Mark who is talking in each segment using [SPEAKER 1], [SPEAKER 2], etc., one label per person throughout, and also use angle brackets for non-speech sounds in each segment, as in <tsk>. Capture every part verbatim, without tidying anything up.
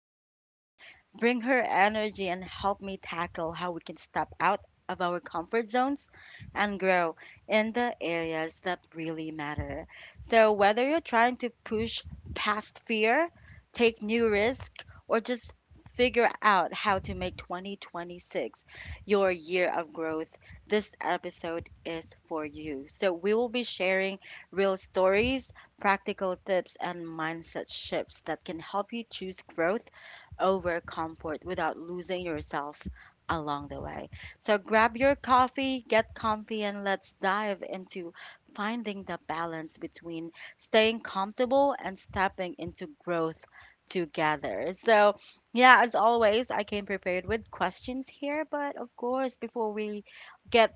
[SPEAKER 1] her thoughts, bring her energy, and help me tackle how we can step out of our comfort zones and grow in the areas that really matter. So, whether you're trying to push past fear, take new risks, or just figure out how to make twenty twenty-six your year of growth, this episode is for you. So, we will be sharing real stories, practical tips, and mindset shifts that can help you choose growth over comfort without losing yourself along the way. So grab your coffee, get comfy, and let's dive into finding the balance between staying comfortable and stepping into growth together. So, yeah, as always, I came prepared with questions here, but of course, before we get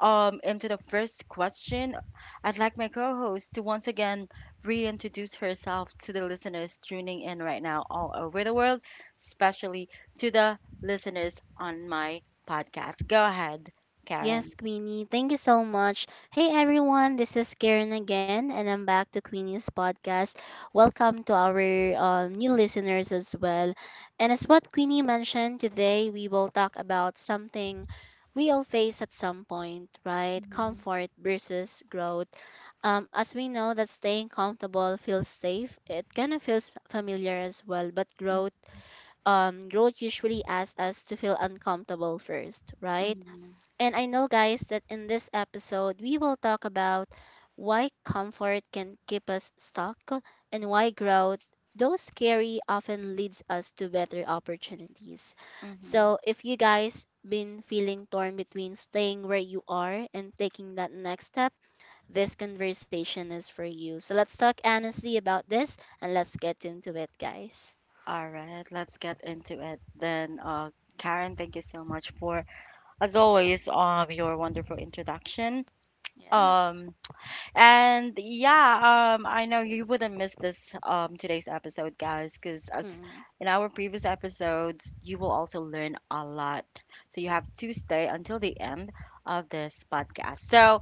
[SPEAKER 1] um into the first question, I'd like my co-host to once again reintroduce herself to the listeners tuning in right now all over the world, especially to the listeners on my podcast. Go ahead, Karen.
[SPEAKER 2] Yes, Queenie, thank you so much. Hey everyone, this is Karen again, and I'm back to Queenie's podcast. Welcome to our um, new listeners as well. And as what Queenie mentioned, today we will talk about something we all face at some point, right?
[SPEAKER 1] Mhm.
[SPEAKER 2] Comfort versus growth. Um, as we know that staying comfortable feels safe, it kind of feels familiar as well, but growth um, growth usually asks us to feel uncomfortable first, right?
[SPEAKER 1] Mhm,
[SPEAKER 2] And I know, guys, that in this episode, we will talk about why comfort can keep us stuck and why growth, though scary, often leads us to better opportunities.
[SPEAKER 1] mhm.
[SPEAKER 2] So, if you guys been feeling torn between staying where you are and taking that next step, this conversation is for you. So, let's talk honestly about this and let's get into it, guys.
[SPEAKER 1] All right, let's get into it then. Uh, Karen, thank you so much for, as always, um, your wonderful introduction.
[SPEAKER 2] Yes.
[SPEAKER 1] Um, and yeah, um, I know you wouldn't miss this um today's episode, guys, because as
[SPEAKER 2] Mm,
[SPEAKER 1] in our previous episodes, you will also learn a lot. So you have to stay until the end of this podcast. So,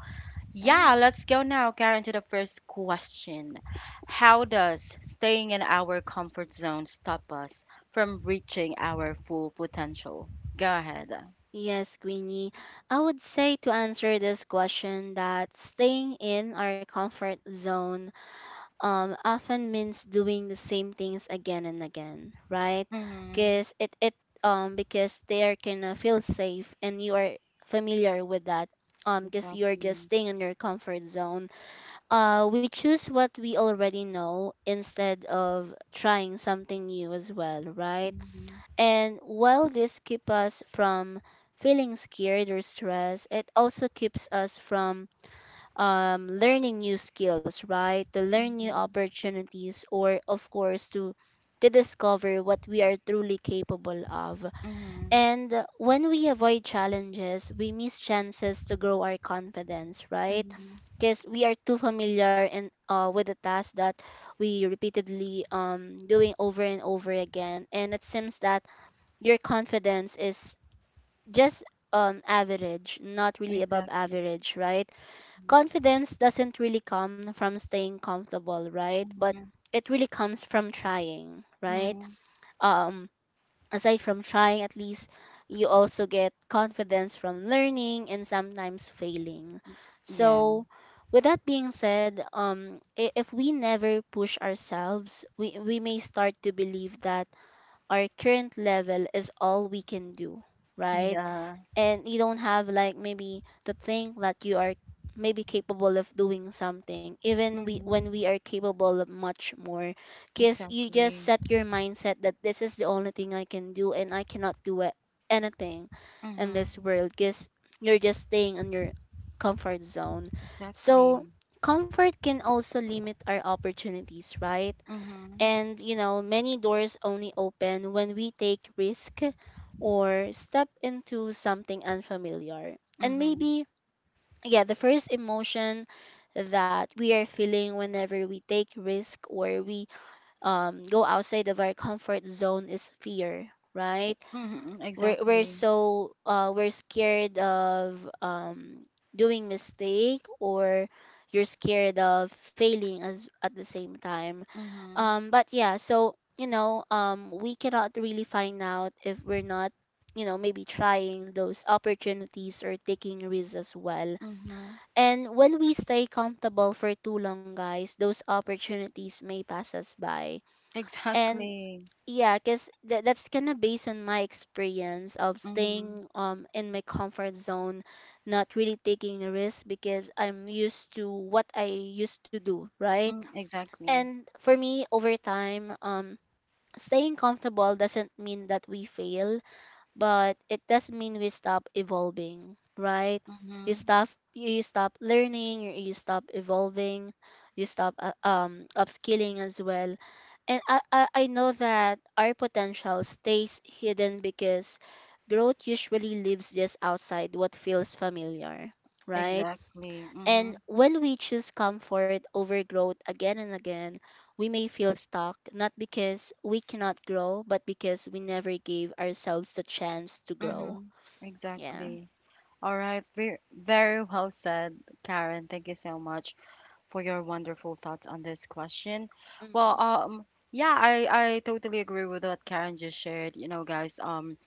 [SPEAKER 2] yeah.
[SPEAKER 1] yeah, let's go now, Karen, to the first question. How does staying in our comfort zone stop us from reaching our full potential? Go ahead.
[SPEAKER 2] Yes, Queenie. I would say to answer this question that staying in our comfort zone um, often means doing the same things again and again, right?
[SPEAKER 1] Mm-hmm.
[SPEAKER 2] Because it, it um because they are gonna feel safe and you are familiar with that. Um, because you're just
[SPEAKER 1] Exactly.
[SPEAKER 2] staying in your comfort zone. Uh, we choose what we already know instead of trying something new as well, right?
[SPEAKER 1] Mm-hmm.
[SPEAKER 2] And while this keeps us from feeling scared or stressed, it also keeps us from um, learning new skills, right? To learn new
[SPEAKER 1] Mm-hmm.
[SPEAKER 2] opportunities, or of course, to to discover what we are truly capable of.
[SPEAKER 1] Mm-hmm.
[SPEAKER 2] And uh, when we avoid challenges, we miss chances to grow our confidence, right?
[SPEAKER 1] Mm-hmm.
[SPEAKER 2] Because we are too familiar and uh, with the task that we repeatedly um doing over and over again, and it seems that your confidence is just um average, not really above
[SPEAKER 1] Exactly.
[SPEAKER 2] average, right? Confidence doesn't really come from staying comfortable, right? But
[SPEAKER 1] Mm-hmm.
[SPEAKER 2] it really comes from trying, right?
[SPEAKER 1] Mm-hmm.
[SPEAKER 2] Um Aside from trying at least you also get confidence from learning and sometimes failing.
[SPEAKER 1] Yeah.
[SPEAKER 2] So, with that being said, um i- if we never push ourselves, we, we may start to believe that our current level is all we can do, right?
[SPEAKER 1] Yeah.
[SPEAKER 2] And you don't have like maybe to think that you are maybe capable of doing something, even we
[SPEAKER 1] Mm-hmm.
[SPEAKER 2] when we are capable of much more. Because you just
[SPEAKER 1] Exactly.
[SPEAKER 2] set your mindset that this is the only thing I can do and I cannot do a- anything in this
[SPEAKER 1] Mm-hmm.
[SPEAKER 2] world because you're just staying in your comfort zone. So
[SPEAKER 1] Exactly.
[SPEAKER 2] comfort can also limit our opportunities, right?
[SPEAKER 1] Mm-hmm.
[SPEAKER 2] And, you know, many doors only open when we take risk or step into something unfamiliar. And
[SPEAKER 1] Mm-hmm.
[SPEAKER 2] maybe, yeah, the first emotion that we are feeling whenever we take risk or we um, go outside of our comfort zone is fear, right?
[SPEAKER 1] Mm-hmm.
[SPEAKER 2] We're, we're
[SPEAKER 1] Exactly.
[SPEAKER 2] so, uh, we're scared of um, doing mistake or you're scared of failing as at the same time,
[SPEAKER 1] Mm-hmm.
[SPEAKER 2] um but yeah. So you know, um we cannot really find out if we're not, you know, maybe trying those opportunities or taking risks as well. And when we stay comfortable for too long, guys, those opportunities may pass us by. And
[SPEAKER 1] Exactly.
[SPEAKER 2] yeah, because th- that's kind of based on my experience of
[SPEAKER 1] Mm-hmm.
[SPEAKER 2] staying um in my comfort zone, not really taking a risk because I'm used to what I used to do, right?
[SPEAKER 1] Mm, exactly.
[SPEAKER 2] And for me over time, um staying comfortable doesn't mean that we fail, but it does mean we stop evolving, right? You
[SPEAKER 1] Mm-hmm.
[SPEAKER 2] stop you stop learning, you you stop evolving, you stop uh, um upskilling as well. And I, I I know that our potential stays hidden because growth usually lives just outside what feels familiar, right?
[SPEAKER 1] Exactly. Mm-hmm.
[SPEAKER 2] And when we choose comfort over growth again and again, we may feel stuck, not because we cannot grow, but because we never gave ourselves the chance to grow.
[SPEAKER 1] Mm-hmm.
[SPEAKER 2] Yeah.
[SPEAKER 1] Exactly. All right. Very, very well said, Karen. Thank you so much for your wonderful thoughts on this question. Well,
[SPEAKER 2] Mm.
[SPEAKER 1] um, yeah, I, I totally agree with what Karen just shared. You know, guys, um,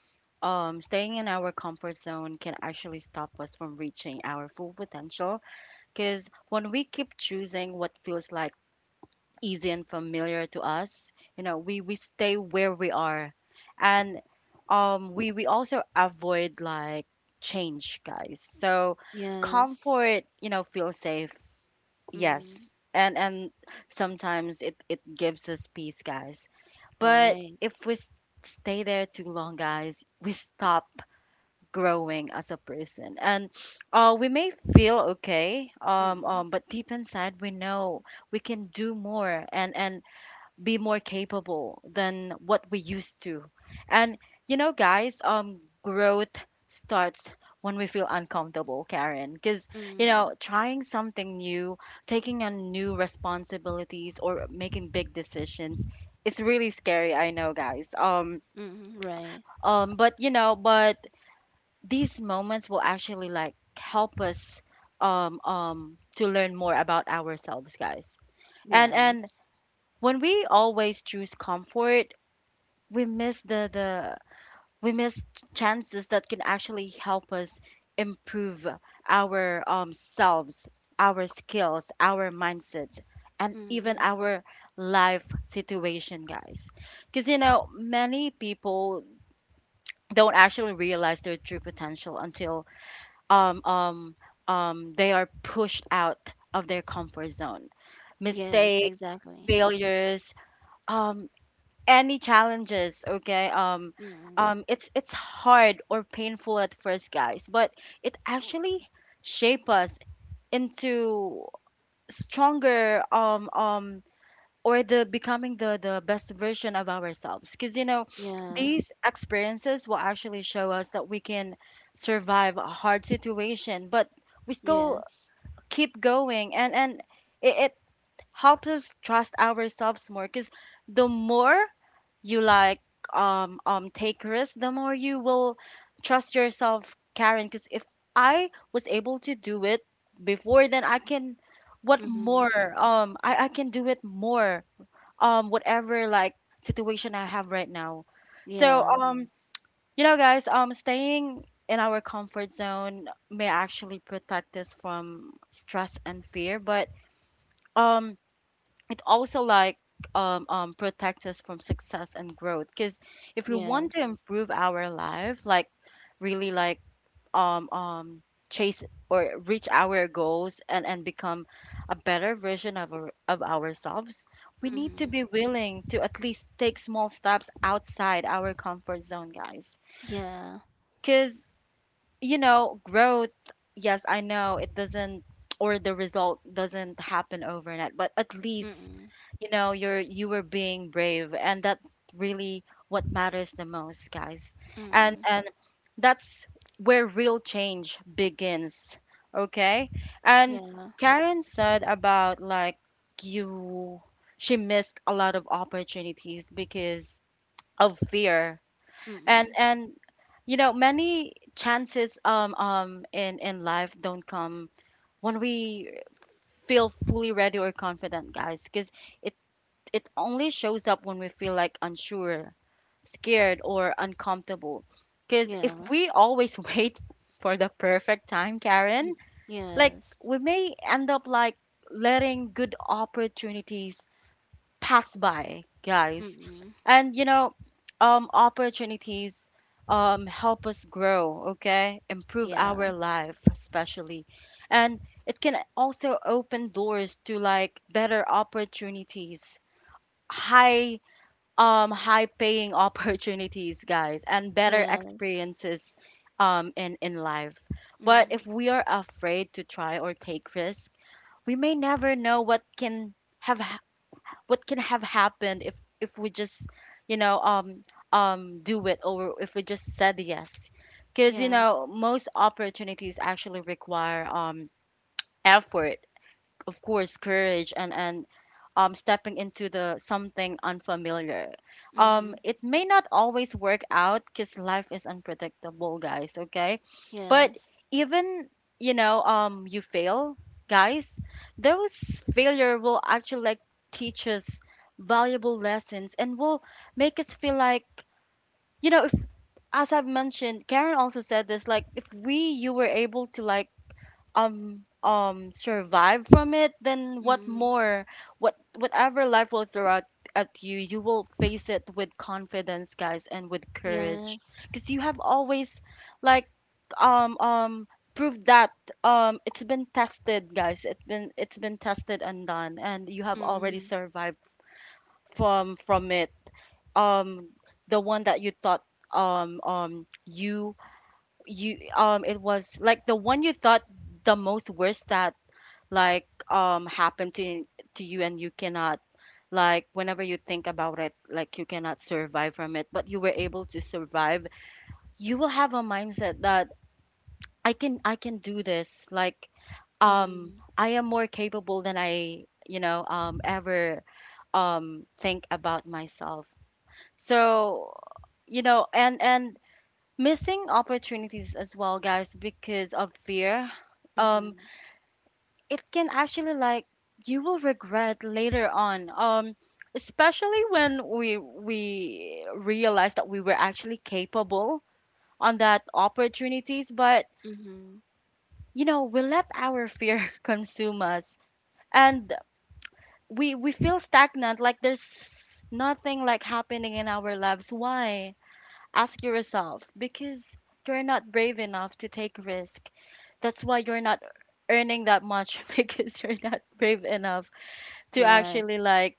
[SPEAKER 1] um, staying in our comfort zone can actually stop us from reaching our full potential, because when we keep choosing what feels like easy and familiar to us, you know, we we stay where we are, and um, we we also avoid like change, guys. So
[SPEAKER 2] Yes.
[SPEAKER 1] comfort, you know, feels safe.
[SPEAKER 2] Mm.
[SPEAKER 1] Yes, and and sometimes it it gives us peace, guys. But
[SPEAKER 2] Right.
[SPEAKER 1] if we s- stay there too long, guys, we stop growing as a person, and uh, we may feel okay, um,
[SPEAKER 2] Mm.
[SPEAKER 1] um, but deep inside we know we can do more, and and be more capable than what we used to. And you know, guys, um, growth starts when we feel uncomfortable, Karen, because, you
[SPEAKER 2] Mm.
[SPEAKER 1] know, trying something new, taking on new responsibilities, or making big decisions is really scary. I know, guys. Um,
[SPEAKER 2] Mm. Right.
[SPEAKER 1] um, but you know, but these moments will actually like help us um um to learn more about ourselves, guys. And and
[SPEAKER 2] Yes.
[SPEAKER 1] when we always choose comfort, we miss the the we miss chances that can actually help us improve our, um, selves, our skills, our mindsets, and
[SPEAKER 2] Mm.
[SPEAKER 1] even our life situation, guys, because you know many people don't actually realize their true potential until um um um they are pushed out of their comfort zone.
[SPEAKER 2] Yes,
[SPEAKER 1] Mistakes,
[SPEAKER 2] exactly.
[SPEAKER 1] failures, um any challenges, okay? um
[SPEAKER 2] Mm.
[SPEAKER 1] um it's it's hard or painful at first, guys, but it actually shape us into stronger, um um or the becoming the the best version of ourselves, because you know
[SPEAKER 2] Yeah.
[SPEAKER 1] these experiences will actually show us that we can survive a hard situation, but we still
[SPEAKER 2] Yes.
[SPEAKER 1] keep going. And and it, it helps us trust ourselves more, because the more you like um um take risks, the more you will trust yourself, Karen. Because if I was able to do it before, then I can what
[SPEAKER 2] Mm.
[SPEAKER 1] more, um i, I can do it more, um whatever like situation I have right now. So
[SPEAKER 2] Yeah.
[SPEAKER 1] um you know, guys, um staying in our comfort zone may actually protect us from stress and fear, but um it also like um, um protects us from success and growth, because if we want
[SPEAKER 2] Yes.
[SPEAKER 1] to improve our life, like really, like um um chase or reach our goals, and and become a better version of our, of ourselves, we need
[SPEAKER 2] Mm.
[SPEAKER 1] to be willing to at least take small steps outside our comfort zone, guys.
[SPEAKER 2] Yeah.
[SPEAKER 1] Because, you know, growth, yes, I know it doesn't, or the result doesn't happen overnight, but at least,
[SPEAKER 2] Mm.
[SPEAKER 1] you know, you're, you were being brave. And that really what matters the most, guys. And,
[SPEAKER 2] Mm.
[SPEAKER 1] and that's where real change begins. Okay. And
[SPEAKER 2] Yeah.
[SPEAKER 1] Karen said about like you, she missed a lot of opportunities because of fear, and
[SPEAKER 2] Mm-mm.
[SPEAKER 1] and you know many chances um um in in life don't come when we feel fully ready or confident, guys, because it it only shows up when we feel like unsure, scared, or uncomfortable, because if
[SPEAKER 2] Yeah.
[SPEAKER 1] we always <laughs> wait for the perfect time, Karen,
[SPEAKER 2] Mm.
[SPEAKER 1] like
[SPEAKER 2] Yes.
[SPEAKER 1] we may end up like letting good opportunities pass by, guys.
[SPEAKER 2] Mm-mm.
[SPEAKER 1] And you know, um, opportunities um, help us grow, okay? Improve
[SPEAKER 2] Yeah.
[SPEAKER 1] our life, especially. And it can also open doors to like better opportunities, high um high paying <laughs> opportunities, guys, and better
[SPEAKER 2] Yes.
[SPEAKER 1] experiences um in in life. But if
[SPEAKER 2] Mm.
[SPEAKER 1] we are afraid to try or take risk, we may never know what can have, what can have happened if if we just, you know, um um do it, or if we just said yes, because you
[SPEAKER 2] Yeah.
[SPEAKER 1] know most opportunities actually require um effort, of course, courage, and and um, stepping into the something unfamiliar. um,
[SPEAKER 2] Mm-hmm.
[SPEAKER 1] it may not always work out because life is unpredictable, guys, okay? But
[SPEAKER 2] Yes.
[SPEAKER 1] even, you know, um, you fail, guys, those failure will actually like teach us valuable lessons and will make us feel like, you know, if as I've mentioned Karen also said this, like if we you were able to like um um survive from it, then what
[SPEAKER 2] Mm.
[SPEAKER 1] more, what whatever life will throw at, at you, you will face it with confidence, guys, and with courage,
[SPEAKER 2] Yes.
[SPEAKER 1] because you have always like um um proved that um it's been tested, guys, it's been it's been tested and done, and you have already
[SPEAKER 2] Mm.
[SPEAKER 1] survived from from it, um the one that you thought, um um you you um it was like the one you thought the most worst that like um happen to to you, and you cannot like, whenever you think about it, like you cannot survive from it, but you were able to survive. You will have a mindset that I can, I can do this, like um
[SPEAKER 2] Mm.
[SPEAKER 1] I am more capable than I, you know, um ever um think about myself. So you know, and and missing opportunities as well, guys, because of fear, um
[SPEAKER 2] Mm-hmm.
[SPEAKER 1] it can actually like, you will regret later on, um especially when we we realize that we were actually capable on that opportunities, but
[SPEAKER 2] Mm-hmm.
[SPEAKER 1] you know we let our fear <laughs> consume us, and we we feel stagnant, like there's nothing like happening in our lives. Why? Ask yourself, because you're not brave enough to take risk. That's why you're not earning that much, <laughs> because you're not brave enough to actually
[SPEAKER 2] Yes.
[SPEAKER 1] like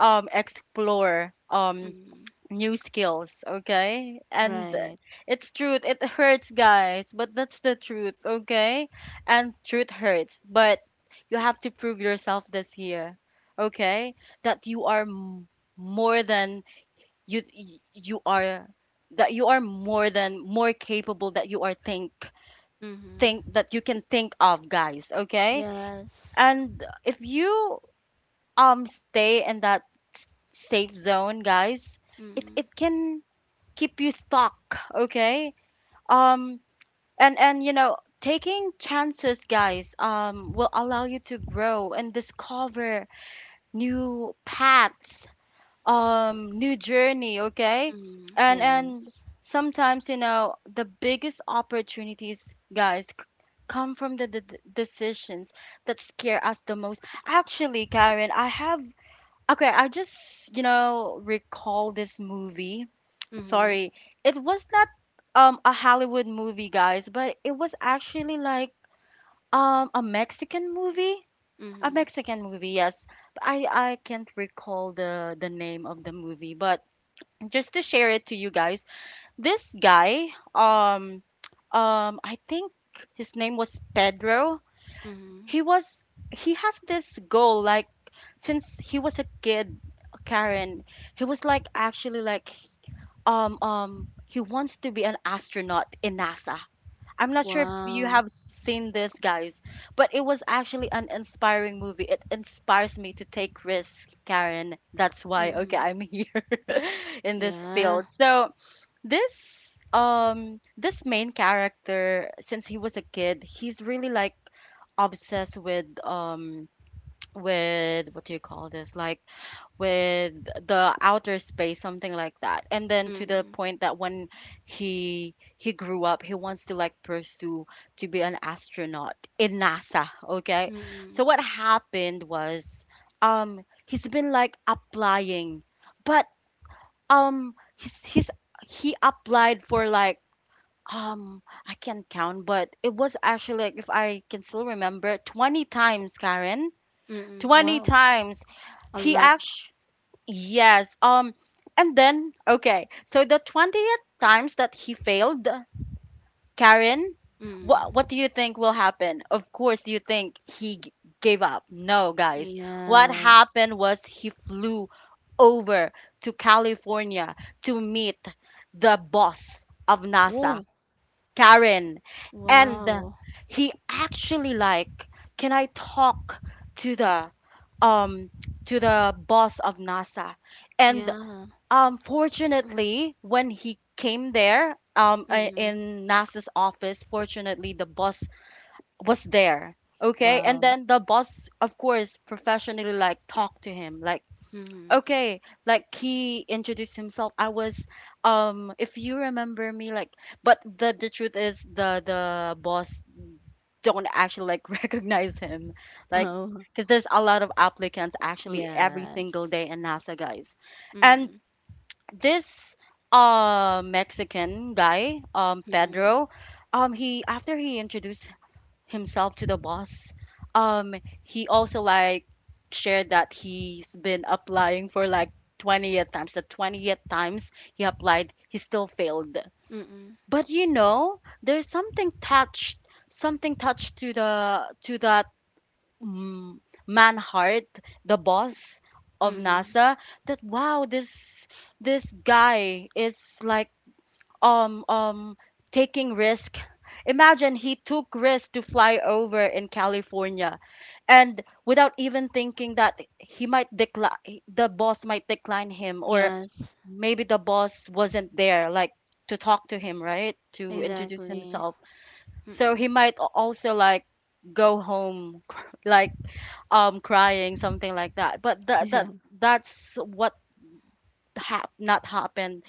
[SPEAKER 1] um explore, um
[SPEAKER 2] Mm.
[SPEAKER 1] new skills, okay? And
[SPEAKER 2] Right.
[SPEAKER 1] it's truth, it hurts, guys, but that's the truth, okay? And truth hurts, but you have to prove yourself this year, okay? That you are m- more than, you y- you are, that you are more than more capable, that you are think
[SPEAKER 2] Mm-hmm.
[SPEAKER 1] think that you can think of, guys, okay?
[SPEAKER 2] Yes.
[SPEAKER 1] And if you um stay in that s- safe zone, guys, it
[SPEAKER 2] Mm.
[SPEAKER 1] it can keep you stuck, okay? um and and you know, taking chances, guys, um will allow you to grow and discover new paths, um new journey, okay?
[SPEAKER 2] Mm.
[SPEAKER 1] And and
[SPEAKER 2] Yes.
[SPEAKER 1] sometimes, you know, the biggest opportunities, guys, c- come from the d- d- decisions that scare us the most. Actually, Karen, I have okay, I just, you know, recall this movie.
[SPEAKER 2] Mm-hmm.
[SPEAKER 1] Sorry. It was not um a Hollywood movie, guys, but it was actually like um a Mexican movie. A
[SPEAKER 2] Mm-hmm.
[SPEAKER 1] Mexican movie, yes. But I I can't recall the the name of the movie, but just to share it to you guys, this guy um um I think his name was Pedro.
[SPEAKER 2] Mm-hmm.
[SPEAKER 1] He was, he has this goal like since he was a kid, Karen. He was like actually like um um he wants to be an astronaut in NASA. I'm not sure if you have
[SPEAKER 2] Wow.
[SPEAKER 1] seen this, guys, but it was actually an inspiring movie. It inspires me to take risks, Karen, that's why, okay,
[SPEAKER 2] Mm-hmm.
[SPEAKER 1] I'm here <laughs> in this field.
[SPEAKER 2] Yeah.
[SPEAKER 1] So this um this main character, since he was a kid, he's really like obsessed with um with, what do you call this? Like with the outer space, something like that. And then to the
[SPEAKER 2] mm
[SPEAKER 1] point that when he he grew up, he wants to like pursue to be an astronaut in NASA, okay?
[SPEAKER 2] Hmm. mm
[SPEAKER 1] So
[SPEAKER 2] Hmm.
[SPEAKER 1] what happened was um he's been like applying but um he's, he's he applied for like um I can't count, but it was actually like, if I can still remember, twenty times, Karen.
[SPEAKER 2] Mm-mm.
[SPEAKER 1] twenty
[SPEAKER 2] Wow.
[SPEAKER 1] times
[SPEAKER 2] A
[SPEAKER 1] he
[SPEAKER 2] lot.
[SPEAKER 1] actually, yes, um and then okay, so the twentieth times that he failed, Karen, what
[SPEAKER 2] Mm.
[SPEAKER 1] what do you think will happen? Of course, you think he g- gave up. No, guys. What
[SPEAKER 2] Yeah.
[SPEAKER 1] happened was he flew over to California to meet the boss of NASA,
[SPEAKER 2] Oh,
[SPEAKER 1] Karen, and
[SPEAKER 2] wow.
[SPEAKER 1] he actually like, "Can I talk to the um to the boss of NASA?" And
[SPEAKER 2] Yeah.
[SPEAKER 1] um, fortunately, when he came there, um, uh,
[SPEAKER 2] Mm-mm.
[SPEAKER 1] in NASA's office, fortunately the boss was there. Okay, and
[SPEAKER 2] Wow.
[SPEAKER 1] then the boss, of course, professionally like talked to him, like
[SPEAKER 2] Mm-hmm.
[SPEAKER 1] okay, like he introduced himself. I was, um, if you remember me, like, but the the truth is the the boss don't actually like <laughs> recognize him, like,
[SPEAKER 2] Oh,
[SPEAKER 1] because there's a lot of applicants
[SPEAKER 2] yes.
[SPEAKER 1] actually every single day in NASA, guys, and
[SPEAKER 2] Mm-hmm.
[SPEAKER 1] this uh Mexican guy, um
[SPEAKER 2] Mm-hmm.
[SPEAKER 1] Pedro, um he, after he introduced himself to the boss, um he also like shared that he's been applying for like twentieth times. The twentieth times he applied, he still failed.
[SPEAKER 2] Mm-hmm.
[SPEAKER 1] But you know, there's something touched, something touched to the to that mm, Manhart, the boss of
[SPEAKER 2] Mm-hmm.
[SPEAKER 1] NASA, that wow, this this guy is like um um taking risk. Imagine he took risk to fly over in California, and without even thinking that he might decline, the boss might decline him, or
[SPEAKER 2] Yes,
[SPEAKER 1] maybe the boss wasn't there, like to talk to him, right, to introduce
[SPEAKER 2] exactly.
[SPEAKER 1] himself. So
[SPEAKER 2] Mm-hmm.
[SPEAKER 1] he might a- also like go home, <laughs> like um crying something like that, but
[SPEAKER 2] <laughs>
[SPEAKER 1] that
[SPEAKER 2] Yeah.
[SPEAKER 1] that that's what hap- not happened,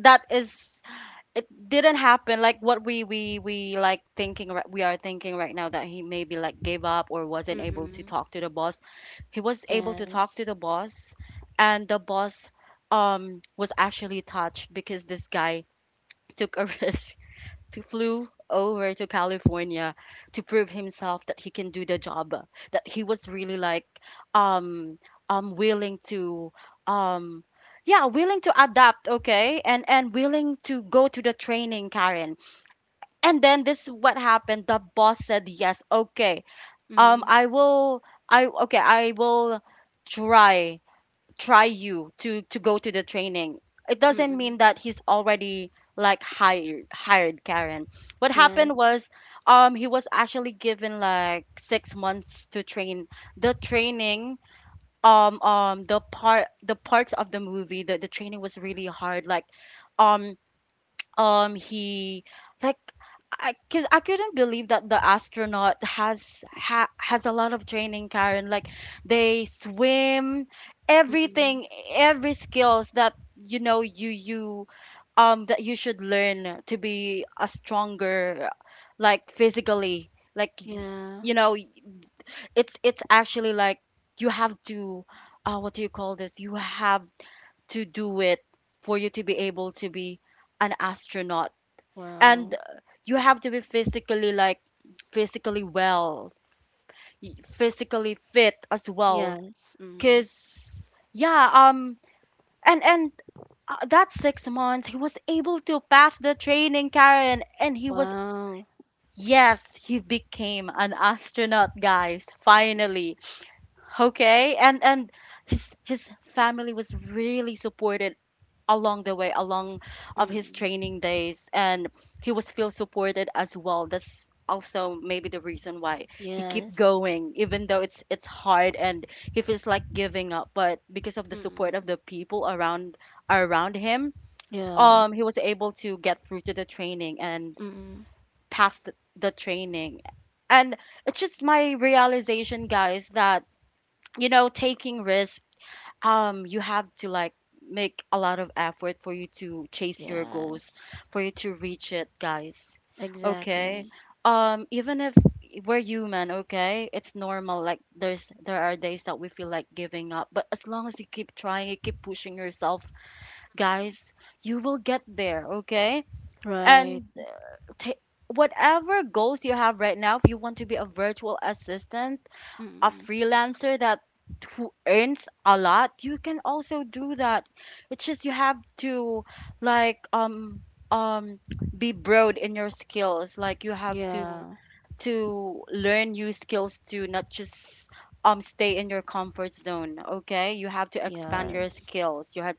[SPEAKER 1] that is, it didn't happen like what we we we like thinking, ri- we are thinking right now, that he maybe like gave up or wasn't able to
[SPEAKER 2] Mm-mm.
[SPEAKER 1] talk to the boss. He was able to talk
[SPEAKER 2] Yes.
[SPEAKER 1] to the boss, and the boss um was actually touched because this guy took a <laughs> risk to flew over to California to prove himself that he can do the job, that he was really like um um willing to um yeah, willing to adapt, okay? And and willing to go to the training, Karen. And then this is what happened. The boss said, "Yes, okay. Um
[SPEAKER 2] Mm.
[SPEAKER 1] I will I okay, I will try try you to to go to the training. It doesn't mean
[SPEAKER 2] Mm-mm.
[SPEAKER 1] that he's already like hired hired, Karen. What happened
[SPEAKER 2] Yes.
[SPEAKER 1] was um he was actually given like six months to train. The training, um um the part, the parts of the movie, the, the training was really hard, like um um he like I, cause I couldn't believe that the astronaut has ha, has a lot of training, Karen, like they swim
[SPEAKER 2] Mm-mm.
[SPEAKER 1] everything, every skills that you know you you um that you should learn to be a stronger, like physically, like, y-
[SPEAKER 2] Yeah.
[SPEAKER 1] you know, it's it's actually like you have to uh what do you call this, you have to do it for you to be able to be an astronaut. And uh,
[SPEAKER 2] Wow.
[SPEAKER 1] you have to be physically, like, physically well, y- physically fit as well,
[SPEAKER 2] Yes. Mm.
[SPEAKER 1] because yeah. um and and uh, That six months he was able to pass the training, Karen. And he was,
[SPEAKER 2] Wow.
[SPEAKER 1] yes, he became an astronaut, guys, finally. Okay, and and his his family was really supportive along the way, along of his
[SPEAKER 2] Mm.
[SPEAKER 1] training days. And he was feel supported as well. That's also maybe the reason why he keep
[SPEAKER 2] Yes.
[SPEAKER 1] going, even though it's it's hard and he feels like giving up. But because of the support
[SPEAKER 2] Mm-mm.
[SPEAKER 1] of the people around, around him,
[SPEAKER 2] Yeah.
[SPEAKER 1] um he was able to get through to the training and
[SPEAKER 2] Mm.
[SPEAKER 1] pass the, the training. And it's just my realization, guys, that you know, taking risk, um you have to like make a lot of effort for you to chase your goals,
[SPEAKER 2] Yes.
[SPEAKER 1] for you to reach it, guys. Okay.
[SPEAKER 2] Exactly.
[SPEAKER 1] Um even if we're human, okay, it's normal, like there's there are days that we feel like giving up. But as long as you keep trying, you keep pushing yourself,
[SPEAKER 2] Mm.
[SPEAKER 1] guys, you will get there, okay.
[SPEAKER 2] Right.
[SPEAKER 1] And ta whatever goals you have right now, if you want to be a virtual assistant, a
[SPEAKER 2] Mm.
[SPEAKER 1] freelancer that who earns a lot, you can also do that. It's just, you have to like um um be broad in your skills. Like you have to
[SPEAKER 2] Yeah.
[SPEAKER 1] to learn new skills, to not just um stay in your comfort zone, okay? You have to expand your
[SPEAKER 2] Yes.
[SPEAKER 1] skills. You had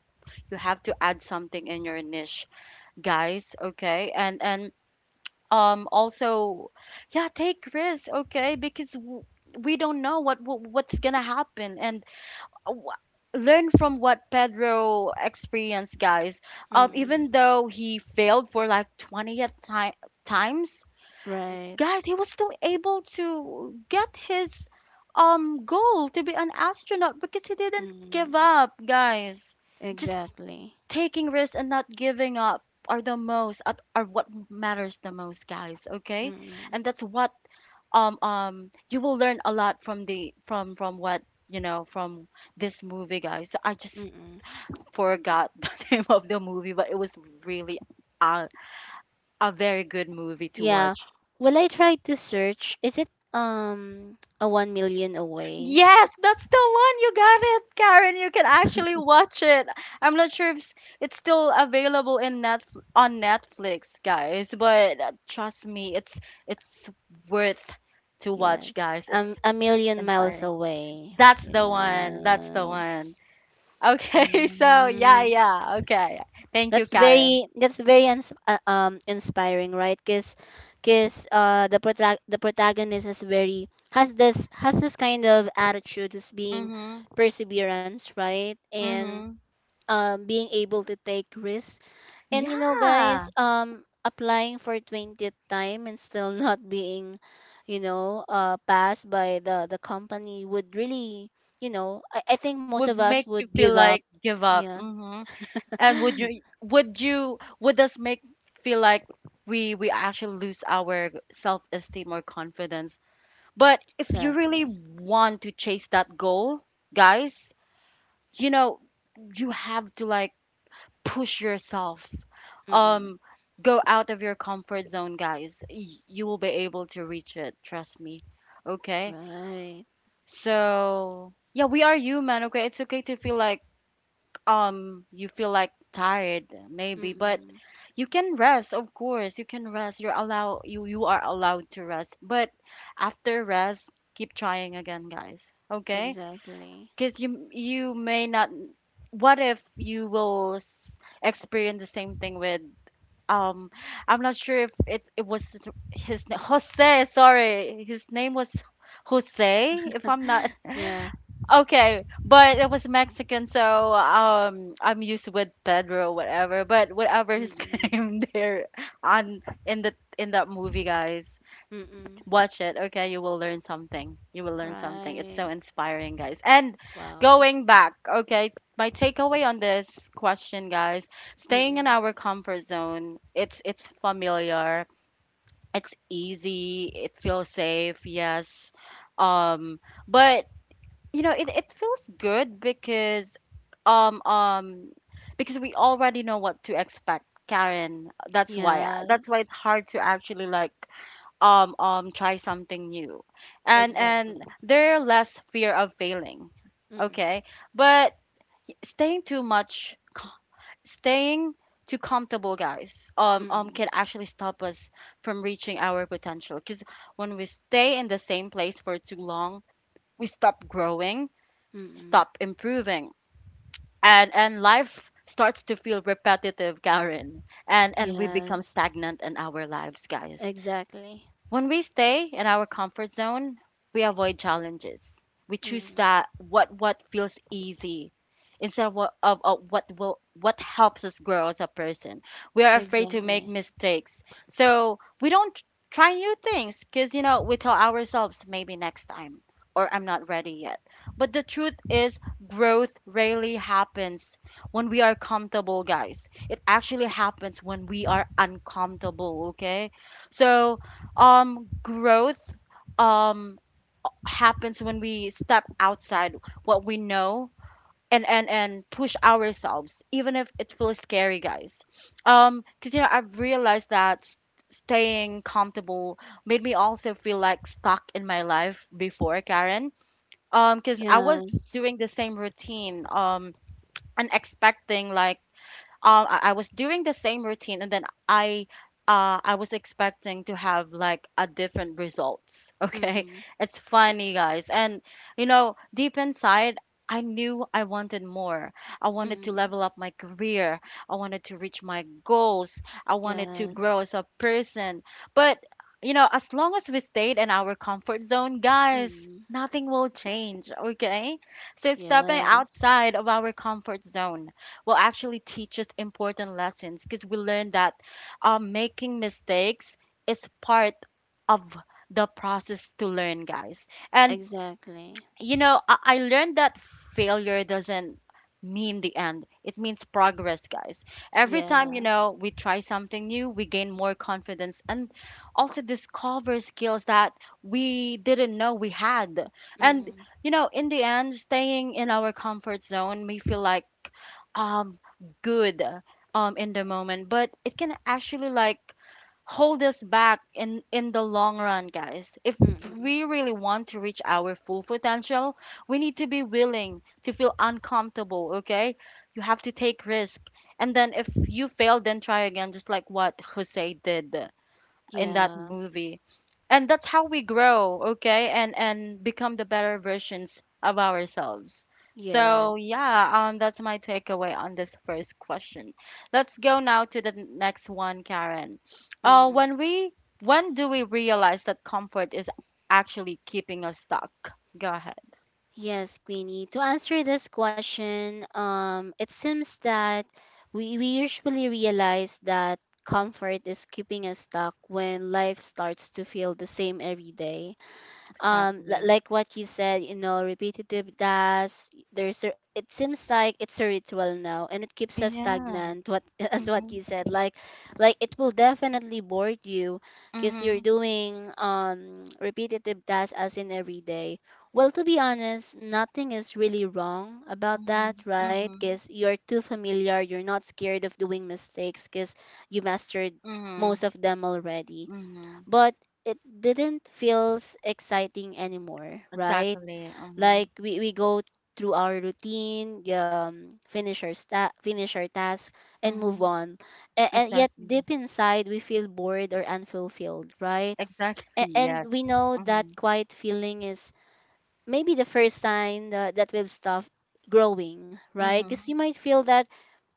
[SPEAKER 1] you have to add something in your niche, guys, okay? And and um also yeah, take risks, okay, because w- we don't know what, what what's gonna happen. And uh, wh- learn from what Pedro experienced, guys. Um
[SPEAKER 2] Mm.
[SPEAKER 1] even though he failed for like twentieth time times,
[SPEAKER 2] Right.
[SPEAKER 1] guys, he was still able to get his um goal to be an astronaut because he didn't give
[SPEAKER 2] Mm.
[SPEAKER 1] up, guys. Just
[SPEAKER 2] Exactly.
[SPEAKER 1] taking risks and not giving up are the most at- are what matters the most, guys, okay.
[SPEAKER 2] Mm.
[SPEAKER 1] And that's what um um you will learn a lot from the, from from what you know, from this movie, guys. So I just
[SPEAKER 2] Mm.
[SPEAKER 1] forgot <laughs> the name of the movie, but it was really a, a very good movie to
[SPEAKER 2] Yeah.
[SPEAKER 1] watch.
[SPEAKER 2] Well, I tried to search. Is it um a one million away?
[SPEAKER 1] Yes, that's the one. You got it, Karen. You can actually watch it. I'm not sure if s- it's still available in net, on Netflix, guys, but uh, trust me, it's it's worth to watch,
[SPEAKER 2] Yes.
[SPEAKER 1] guys. It's
[SPEAKER 2] Um, a million miles
[SPEAKER 1] inspiring.
[SPEAKER 2] away.
[SPEAKER 1] That's the one. That's the
[SPEAKER 2] Yes.
[SPEAKER 1] one. Okay, <laughs> so yeah,
[SPEAKER 2] Hmm.
[SPEAKER 1] yeah. Okay. Thank you,
[SPEAKER 2] That's
[SPEAKER 1] Karen.
[SPEAKER 2] very that's very ins- uh, um inspiring, right? Cause cause uh the prota- the protagonist is very has this has this kind of attitude as being
[SPEAKER 1] Mhm.
[SPEAKER 2] perseverance, right? And
[SPEAKER 1] Mhm.
[SPEAKER 2] um being able to take risks. And you know, guys,
[SPEAKER 1] Yeah.
[SPEAKER 2] um applying for twentieth time and still <laughs> not being, you know, uh passed by the the company would really, you know, I, I think most of
[SPEAKER 1] Would
[SPEAKER 2] us
[SPEAKER 1] make
[SPEAKER 2] would
[SPEAKER 1] you
[SPEAKER 2] give
[SPEAKER 1] feel
[SPEAKER 2] up.
[SPEAKER 1] like give up. Mhm. And would
[SPEAKER 2] <laughs>
[SPEAKER 1] you would you would us make feel like we we actually lose our self esteem or confidence? But if you really
[SPEAKER 2] Exactly.
[SPEAKER 1] want to chase that goal, guys, you know, you have to like push yourself.
[SPEAKER 2] Mm-mm.
[SPEAKER 1] Um Go out of your comfort zone, guys. Y- you will be able to reach it, trust me. Okay?
[SPEAKER 2] Right.
[SPEAKER 1] So, yeah, we are human, okay? It's okay to feel like um you feel like tired maybe, but
[SPEAKER 2] Mm-mm.
[SPEAKER 1] you can rest, of course, you can rest. You're allow you you are allowed to rest, but after rest, keep trying again, guys, okay.
[SPEAKER 2] Exactly. <gasps>
[SPEAKER 1] Because you you may not, what if you will s- experience the same thing with um I'm not sure if it, it was his na- Jose, sorry, his name was Jose, if I'm not
[SPEAKER 2] <laughs>
[SPEAKER 1] <laughs>
[SPEAKER 2] Yeah.
[SPEAKER 1] Okay, but it was Mexican, so um, I'm used with Pedro, whatever. But whatever his
[SPEAKER 2] Mm-mm.
[SPEAKER 1] <laughs> name there, on, in the, in that movie, guys,
[SPEAKER 2] Mm-mm.
[SPEAKER 1] watch it. Okay, you will learn something. You will learn something. It's so
[SPEAKER 2] Right.
[SPEAKER 1] inspiring, guys. And
[SPEAKER 2] Wow.
[SPEAKER 1] going back, okay, my takeaway on this question, guys, staying in
[SPEAKER 2] Mm-mm.
[SPEAKER 1] our comfort zone. It's it's familiar. It's easy. It feels safe. Yes. Um, but you know, it, it feels good because um um because we already know what to expect, Karen. That's why that's why it's
[SPEAKER 2] Yes.
[SPEAKER 1] hard to actually like um um try something new. and
[SPEAKER 2] Exactly.
[SPEAKER 1] and there are less fear of failing,
[SPEAKER 2] Mm-mm.
[SPEAKER 1] okay. But staying too much, staying too comfortable, guys, um um
[SPEAKER 2] Mm-mm.
[SPEAKER 1] can actually stop us from reaching our potential, because when we stay in the same place for too long, we stop growing,
[SPEAKER 2] Mm-mm.
[SPEAKER 1] stop improving. and and life starts to feel repetitive, Karen. and and we become
[SPEAKER 2] Yes.
[SPEAKER 1] stagnant in our lives, guys.
[SPEAKER 2] Exactly.
[SPEAKER 1] When we stay in our comfort zone, we avoid challenges. We choose
[SPEAKER 2] Mm-mm.
[SPEAKER 1] that what what feels easy instead of what, of, of what will what helps us grow as a person. We are afraid to make
[SPEAKER 2] Exactly.
[SPEAKER 1] mistakes, so we don't try new things because, you know, we tell ourselves maybe next time, or I'm not ready yet. But the truth is, growth rarely happens when we are comfortable, guys. It actually happens when we are uncomfortable. Okay, so um growth um happens when we step outside what we know, and and and push ourselves even if it feels scary, guys. Um because you know, I've realized that s- staying comfortable made me also feel like stuck in my life before, Karen. Um because I was
[SPEAKER 2] Yes.
[SPEAKER 1] doing the same routine, um and expecting like um, I, I was doing the same routine, and then I, uh, I was expecting to have like a different results. <laughs> Okay,
[SPEAKER 2] Mm-mm.
[SPEAKER 1] it's funny, guys. And you know, deep inside, I knew I wanted more. I wanted to
[SPEAKER 2] Mm-mm.
[SPEAKER 1] level up my career. I wanted to reach my goals. I wanted to grow
[SPEAKER 2] Yes.
[SPEAKER 1] as a person. But, you know, as long as we stayed in our comfort zone, guys,
[SPEAKER 2] Mm-mm.
[SPEAKER 1] nothing will change, okay? So stepping
[SPEAKER 2] Yes.
[SPEAKER 1] outside of our comfort zone will actually teach us important lessons because we learn that um, making mistakes is part of the process to learn, guys. And
[SPEAKER 2] Exactly.
[SPEAKER 1] you know, I, I learned that failure doesn't mean the end. It means progress, guys. Every time, you
[SPEAKER 2] Yeah.
[SPEAKER 1] know, we try something new, we gain more confidence and also discover skills that we didn't know we had. And,
[SPEAKER 2] Mm-mm.
[SPEAKER 1] you know, in the end, staying in our comfort zone may feel like um good um in the moment, but it can actually like hold us back in in the long run, guys. If
[SPEAKER 2] Mm-mm.
[SPEAKER 1] we really want to reach our full potential, we need to be willing to feel uncomfortable, okay? You have to take risk, and then if you fail, then try again, just like what Jose did in that
[SPEAKER 2] Yeah.
[SPEAKER 1] movie. And that's how we grow, okay, and and become the better versions of ourselves. So
[SPEAKER 2] Yes.
[SPEAKER 1] yeah, um that's my takeaway on this first question. Let's go now to the n- next one, Karen. Uh when we, when do we realize that comfort is actually keeping us stuck? Go ahead.
[SPEAKER 2] Yes, Queenie. To answer this question, um, it seems that we, we usually realize that comfort is keeping us stuck when life starts to feel the same every day, um li-
[SPEAKER 1] Exactly.
[SPEAKER 2] like what you said, you know, repetitive tasks. There's a, it seems like it's a ritual now and it keeps us
[SPEAKER 1] Yeah.
[SPEAKER 2] stagnant, what, <laughs> as what
[SPEAKER 1] Mm-hmm.
[SPEAKER 2] you said, like like it will definitely bore you because you're
[SPEAKER 1] Mm-hmm.
[SPEAKER 2] doing um repetitive tasks as in every day. Well, to be honest, nothing is really wrong about
[SPEAKER 1] Mm-hmm.
[SPEAKER 2] that, right?
[SPEAKER 1] Mm-hmm.
[SPEAKER 2] Because you're too familiar, you're not scared of doing mistakes because you mastered
[SPEAKER 1] Mm-hmm.
[SPEAKER 2] most of them already,
[SPEAKER 1] Mm-hmm.
[SPEAKER 2] but it didn't feels exciting anymore, right?
[SPEAKER 1] Exactly. Mm-hmm.
[SPEAKER 2] Like we, we go through our routine, um, finish our sta- finish our task, and
[SPEAKER 1] Mm-hmm.
[SPEAKER 2] move on. And, and yet
[SPEAKER 1] Exactly.
[SPEAKER 2] deep inside, we feel bored or unfulfilled, right?
[SPEAKER 1] Exactly,
[SPEAKER 2] A- And
[SPEAKER 1] yes.
[SPEAKER 2] we know that
[SPEAKER 1] Mm-hmm.
[SPEAKER 2] quiet feeling is maybe the first sign that that we've stopped growing, right? Because you
[SPEAKER 1] Mm-hmm.
[SPEAKER 2] might feel that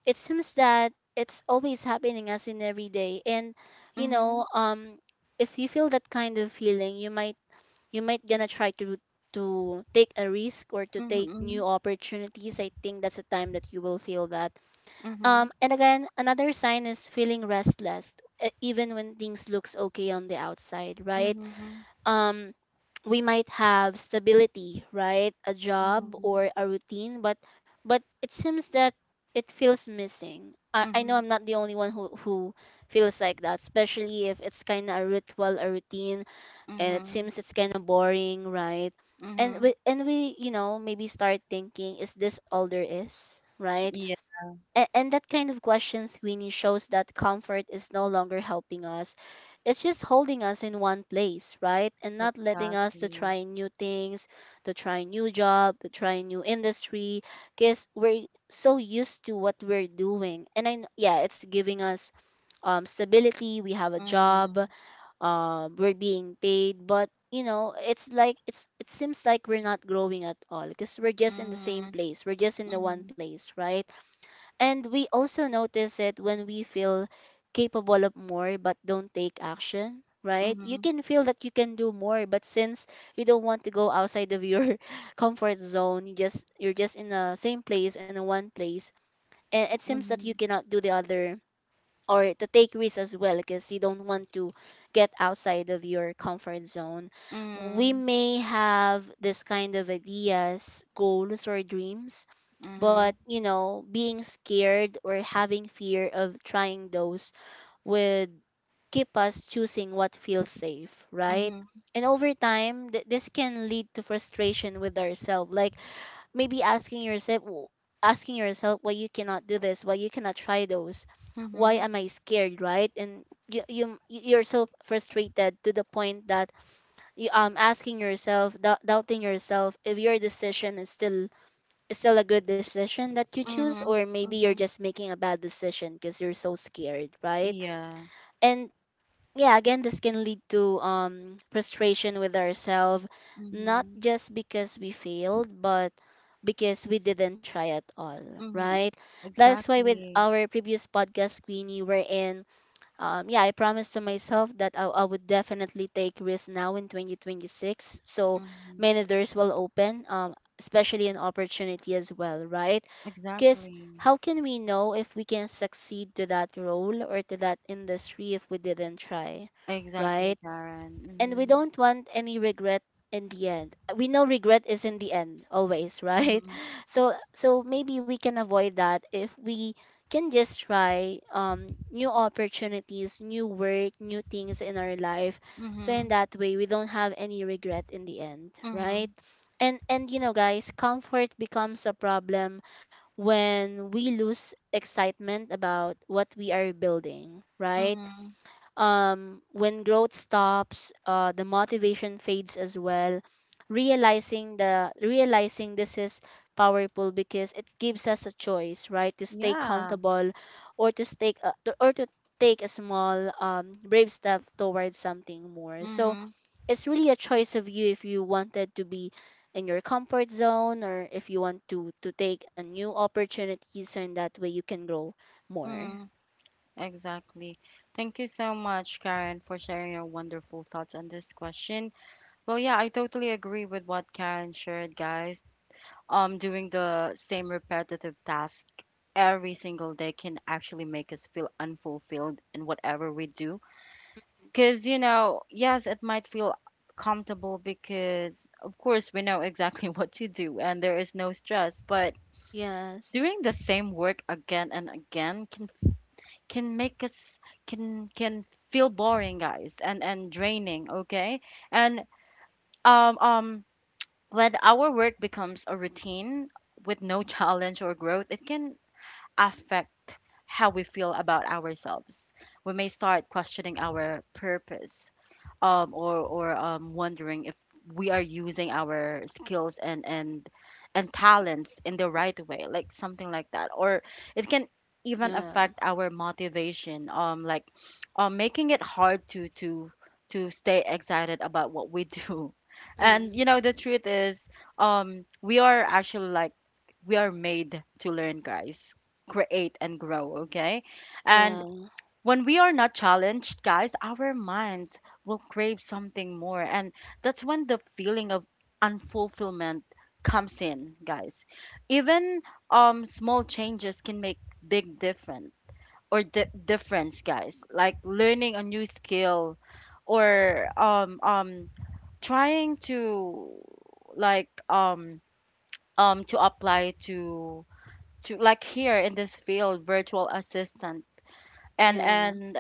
[SPEAKER 2] it seems that it's always happening as in every day, and you know, um if you feel that kind of feeling, you might you might gonna try to to take a risk or to take new
[SPEAKER 1] Mm-hmm.
[SPEAKER 2] opportunities. I think that's the time that you will feel that.
[SPEAKER 1] Mm-hmm.
[SPEAKER 2] Um and again, another sign is feeling restless e- even when things looks okay on the outside, right?
[SPEAKER 1] Mm-hmm. Mm-hmm.
[SPEAKER 2] Um, we might have stability, right? A job
[SPEAKER 1] Mm-hmm.
[SPEAKER 2] or a routine, but but it seems that it feels missing. i, I know
[SPEAKER 1] Mm-hmm.
[SPEAKER 2] I'm not the only one who who feels like that, especially if it's kind of a ritual, a routine, and it
[SPEAKER 1] Mm-hmm.
[SPEAKER 2] seems it's kind of boring, right? And
[SPEAKER 1] Mm-hmm.
[SPEAKER 2] we and we, you know, maybe start thinking, is this all there is, right?
[SPEAKER 1] Yeah,
[SPEAKER 2] and, and that kind of questions, Winnie, shows that comfort is no longer helping us. It's just holding us in one place, right? And not letting us to
[SPEAKER 1] exactly.
[SPEAKER 2] try new things, to try new job, to try new industry, because we're so used to what we're doing. And i kn- yeah, it's giving us, um, stability. We have a job,
[SPEAKER 1] Mm-hmm.
[SPEAKER 2] um, we're being paid, but you know, it's like, it's, it seems like we're not growing at all because we're just in the same
[SPEAKER 1] Mm-hmm.
[SPEAKER 2] place, we're just in the one
[SPEAKER 1] Mm-hmm.
[SPEAKER 2] place, right? And we also notice it when we feel capable of more but don't take action, right? You
[SPEAKER 1] Mm-hmm.
[SPEAKER 2] can feel that you can do more, but since you don't want to go outside of your <laughs> comfort zone, you just, you're just in the same place, in the one place, and it seems that you
[SPEAKER 1] Mm-hmm.
[SPEAKER 2] cannot do the other or to take risks as well because you don't want to get outside of your comfort zone. We may have this kind of ideas, goals or dreams,
[SPEAKER 1] Mm-hmm.
[SPEAKER 2] but
[SPEAKER 1] Mm-hmm.
[SPEAKER 2] you know, being scared or having fear of trying those would keep us choosing what feels safe, right?
[SPEAKER 1] Mm-hmm.
[SPEAKER 2] And over time, th- this can lead to frustration with ourselves, like maybe asking yourself w- asking yourself why you cannot do this, why you cannot try those, why
[SPEAKER 1] Mm-hmm.
[SPEAKER 2] am I scared, right? And you, you, you're so frustrated to the point that you, um asking yourself, dou- doubting yourself if your decision is still still a good decision that you choose,
[SPEAKER 1] Mm-hmm.
[SPEAKER 2] or maybe you're
[SPEAKER 1] Mm-hmm.
[SPEAKER 2] just making a bad decision because you're so scared, right?
[SPEAKER 1] Yeah.
[SPEAKER 2] And yeah, again, this can lead to um frustration with ourselves, not
[SPEAKER 1] Mm-hmm.
[SPEAKER 2] just because we failed but because we didn't try at all,
[SPEAKER 1] Mm-hmm.
[SPEAKER 2] right? That's why with
[SPEAKER 1] Exactly.
[SPEAKER 2] our previous podcast, Queenie, we're in, um, yeah, I promised to myself that I, I would definitely take risks now in twenty twenty-six. So
[SPEAKER 1] Mm-hmm.
[SPEAKER 2] many doors will open, um, especially an opportunity as well, right? Because
[SPEAKER 1] Exactly.
[SPEAKER 2] how can we know if we can succeed to that role or to that industry if we didn't try, right?
[SPEAKER 1] Exactly, Karen.
[SPEAKER 2] And we
[SPEAKER 1] Mm-hmm.
[SPEAKER 2] don't want any regret in the end. We know regret is in the end always, right?
[SPEAKER 1] Mm-hmm.
[SPEAKER 2] <laughs> So so maybe we can avoid that if we can just try um new opportunities, new work, new things in our life. So in
[SPEAKER 1] Mm-hmm.
[SPEAKER 2] that way we don't have any regret in the end, right?
[SPEAKER 1] Mm-hmm.
[SPEAKER 2] And and you know guys, comfort becomes a problem when we lose excitement about what we are building, right?
[SPEAKER 1] Mm-hmm.
[SPEAKER 2] Um, when growth stops, uh, the motivation fades as well. Realizing the realizing this is powerful because it gives us a choice, right, to stay
[SPEAKER 1] Yeah.
[SPEAKER 2] comfortable, or to take a, to- or to take a small um, brave step towards something more. So
[SPEAKER 1] Mm-hmm.
[SPEAKER 2] it's really a choice of you if you wanted to be in your comfort zone or if you want to to take a new opportunity, so in that way you can grow more.
[SPEAKER 1] Mm-hmm. Exactly. Thank you so much, Karen, for sharing your wonderful thoughts on this question. Well, yeah, I totally agree with what Karen shared, guys. Um, doing the same repetitive task every single day can actually make us feel unfulfilled in whatever we do. Because, you know, yes, it might feel comfortable because, of course, we know exactly <laughs> what to do and there is no stress, but
[SPEAKER 2] Yes.
[SPEAKER 1] doing the same work again and again can can make us can can feel boring, guys, and and draining, okay? And um um when our work becomes a routine with no <laughs> challenge or growth, it can affect how we feel about ourselves. We may start questioning our purpose, um, or, or um, wondering if we are using our skills and, and, and talents in the right way, like something like that. Or it can even
[SPEAKER 2] Yeah.
[SPEAKER 1] affect our motivation, um, like um, making it hard to, to, to stay excited about what we do. <laughs> And you
[SPEAKER 2] Mm.
[SPEAKER 1] know the truth is, um, we are actually like we are made to learn, guys, create and grow, okay?
[SPEAKER 2] Yeah.
[SPEAKER 1] And when we are not challenged, guys, our minds will crave something more. And that's when the feeling of unfulfillment comes in, guys. Even um, small changes can make big difference or di- difference, guys. Like learning a new skill or um, um, trying to like um, um, to apply to to like here in this field virtual assistant and
[SPEAKER 2] Yeah.
[SPEAKER 1] and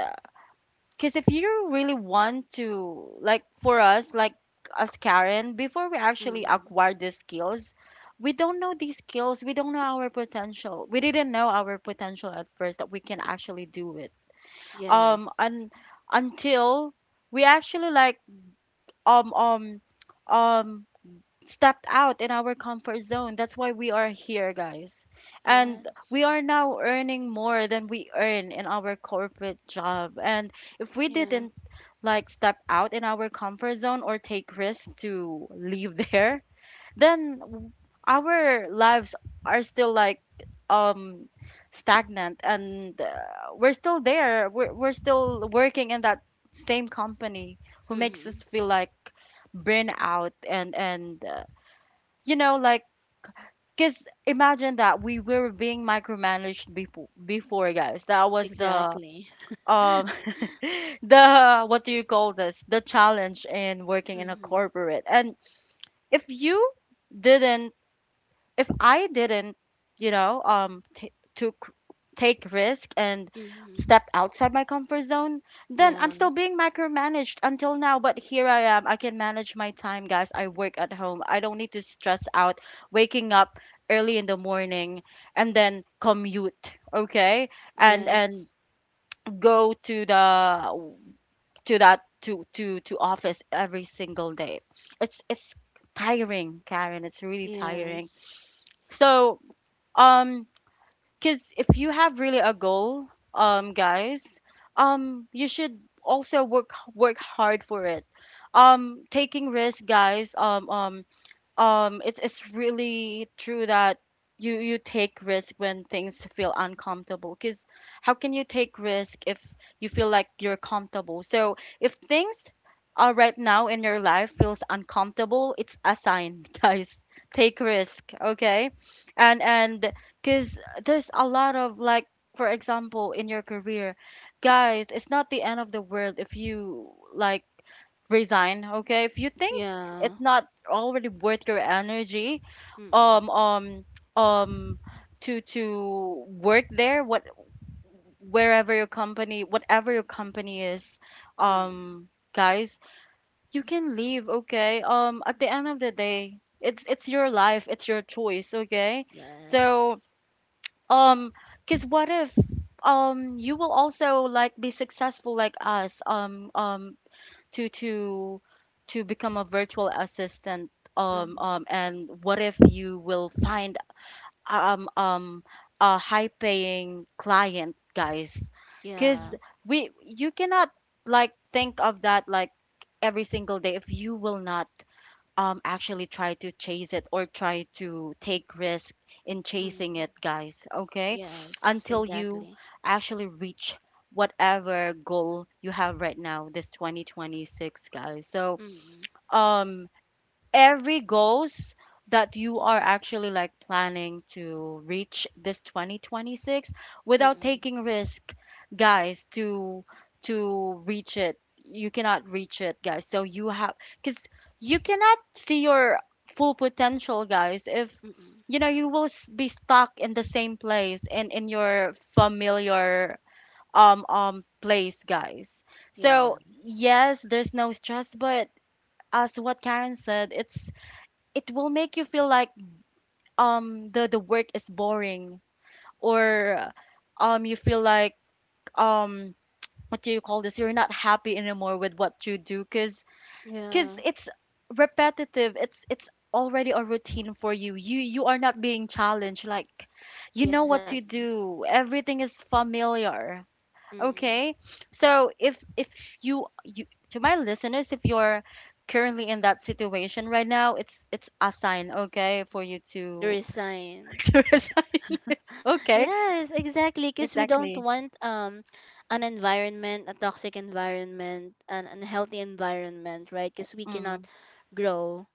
[SPEAKER 1] because if you really want to, like for us, like as Karen, before we actually
[SPEAKER 2] Mm.
[SPEAKER 1] acquire these skills we don't know these skills, we don't know our potential, we didn't know our potential at first that we can actually do it.
[SPEAKER 2] Yes.
[SPEAKER 1] Um and until we actually like um um um stepped out in our comfort zone. That's why we are here, guys. And
[SPEAKER 2] Yes.
[SPEAKER 1] we are now earning more than we earn in our corporate job. And if we
[SPEAKER 2] Yeah.
[SPEAKER 1] didn't like step out in our comfort zone or take risks to leave <laughs> there, then w- our lives are still like um stagnant and uh, we're still there. We're, we're still working in that same company who makes us
[SPEAKER 2] Mm.
[SPEAKER 1] feel like burnout and and uh, you know like, because imagine that we were being micromanaged before before, guys. That was the
[SPEAKER 2] Exactly.
[SPEAKER 1] um
[SPEAKER 2] <laughs>
[SPEAKER 1] <laughs> the what do you call this, the challenge in working in a
[SPEAKER 2] Mm.
[SPEAKER 1] corporate. And if you didn't, if I didn't, you know, um, t- took, take risk and
[SPEAKER 2] Mm.
[SPEAKER 1] stepped outside my comfort zone, then I'm
[SPEAKER 2] Yeah.
[SPEAKER 1] still being micromanaged until now. But here I am. I can manage my time, guys. I work at home. I don't need to stress out waking up early in the morning and then commute. Okay, and
[SPEAKER 2] Yes.
[SPEAKER 1] and go to the, to that, to to to office every single day. It's it's tiring, Karen. It's really tiring.
[SPEAKER 2] Yes.
[SPEAKER 1] So um, because if you have really a goal, um, guys, um, you should also work work hard for it. Um, taking risk, guys. Um, um, um it's it's really true that you you take risk when things feel uncomfortable, because how can you take risk if you feel like you're comfortable? So if things are right now in your life feels uncomfortable, it's a sign <laughs> guys, take risk, okay? And and because there's a lot of like, for example, in your career, guys, it's not the end of the world if you like resign, okay, if you think it's
[SPEAKER 2] Yeah.
[SPEAKER 1] not already worth your energy um
[SPEAKER 2] Mm.
[SPEAKER 1] um um to to work there. What, wherever your company, whatever your company is,
[SPEAKER 2] Mm.
[SPEAKER 1] um guys, you can leave, okay. Um at the end of the day, it's it's your life, it's your choice, okay?
[SPEAKER 2] Yes.
[SPEAKER 1] So um because what if um you will also like be successful like us, um um to to to become a virtual assistant, um
[SPEAKER 2] Mm.
[SPEAKER 1] um and what if you will find um um a high paying client, guys? Cuz
[SPEAKER 2] Yeah.
[SPEAKER 1] we, you cannot like think of that like every single day if you will not um actually try to chase it or try to take risk in chasing
[SPEAKER 2] Mm.
[SPEAKER 1] it, guys, okay,
[SPEAKER 2] Yes.
[SPEAKER 1] until you
[SPEAKER 2] Exactly.
[SPEAKER 1] actually reach whatever goal you have right now this twenty twenty-six, guys. So
[SPEAKER 2] Mm.
[SPEAKER 1] um every goals that you are actually like planning to reach this twenty twenty-six without
[SPEAKER 2] Mm.
[SPEAKER 1] taking risk, guys, to to reach it, you cannot reach it, guys. So you have, cuz you cannot see your full potential, guys, if
[SPEAKER 2] Mm.
[SPEAKER 1] you know you will s- be stuck in the same place and in your familiar um um place, guys. So
[SPEAKER 2] Yeah.
[SPEAKER 1] yes, there's no stress, but as what Karen said, it's it will make you feel like um the the work is boring or um you feel like um what do you call this, you're not happy anymore with what you do. cuz
[SPEAKER 2] Yeah.
[SPEAKER 1] cuz it's repetitive, it's it's already a routine for you. You you are not being challenged, like you
[SPEAKER 2] Yeah.
[SPEAKER 1] know what to
[SPEAKER 2] Exactly.
[SPEAKER 1] do, everything is familiar,
[SPEAKER 2] Mm.
[SPEAKER 1] okay? So if if you, you, to my listeners, if you're currently in that situation right now, it's it's a sign, okay, for you
[SPEAKER 2] The
[SPEAKER 1] to
[SPEAKER 2] resign.
[SPEAKER 1] <laughs> to resign. <laughs> Okay,
[SPEAKER 2] Yes, exactly. Because we don't
[SPEAKER 1] exactly.
[SPEAKER 2] want um an environment, a toxic environment, an unhealthy environment, right? Because we
[SPEAKER 1] Mm-hmm.
[SPEAKER 2] cannot grow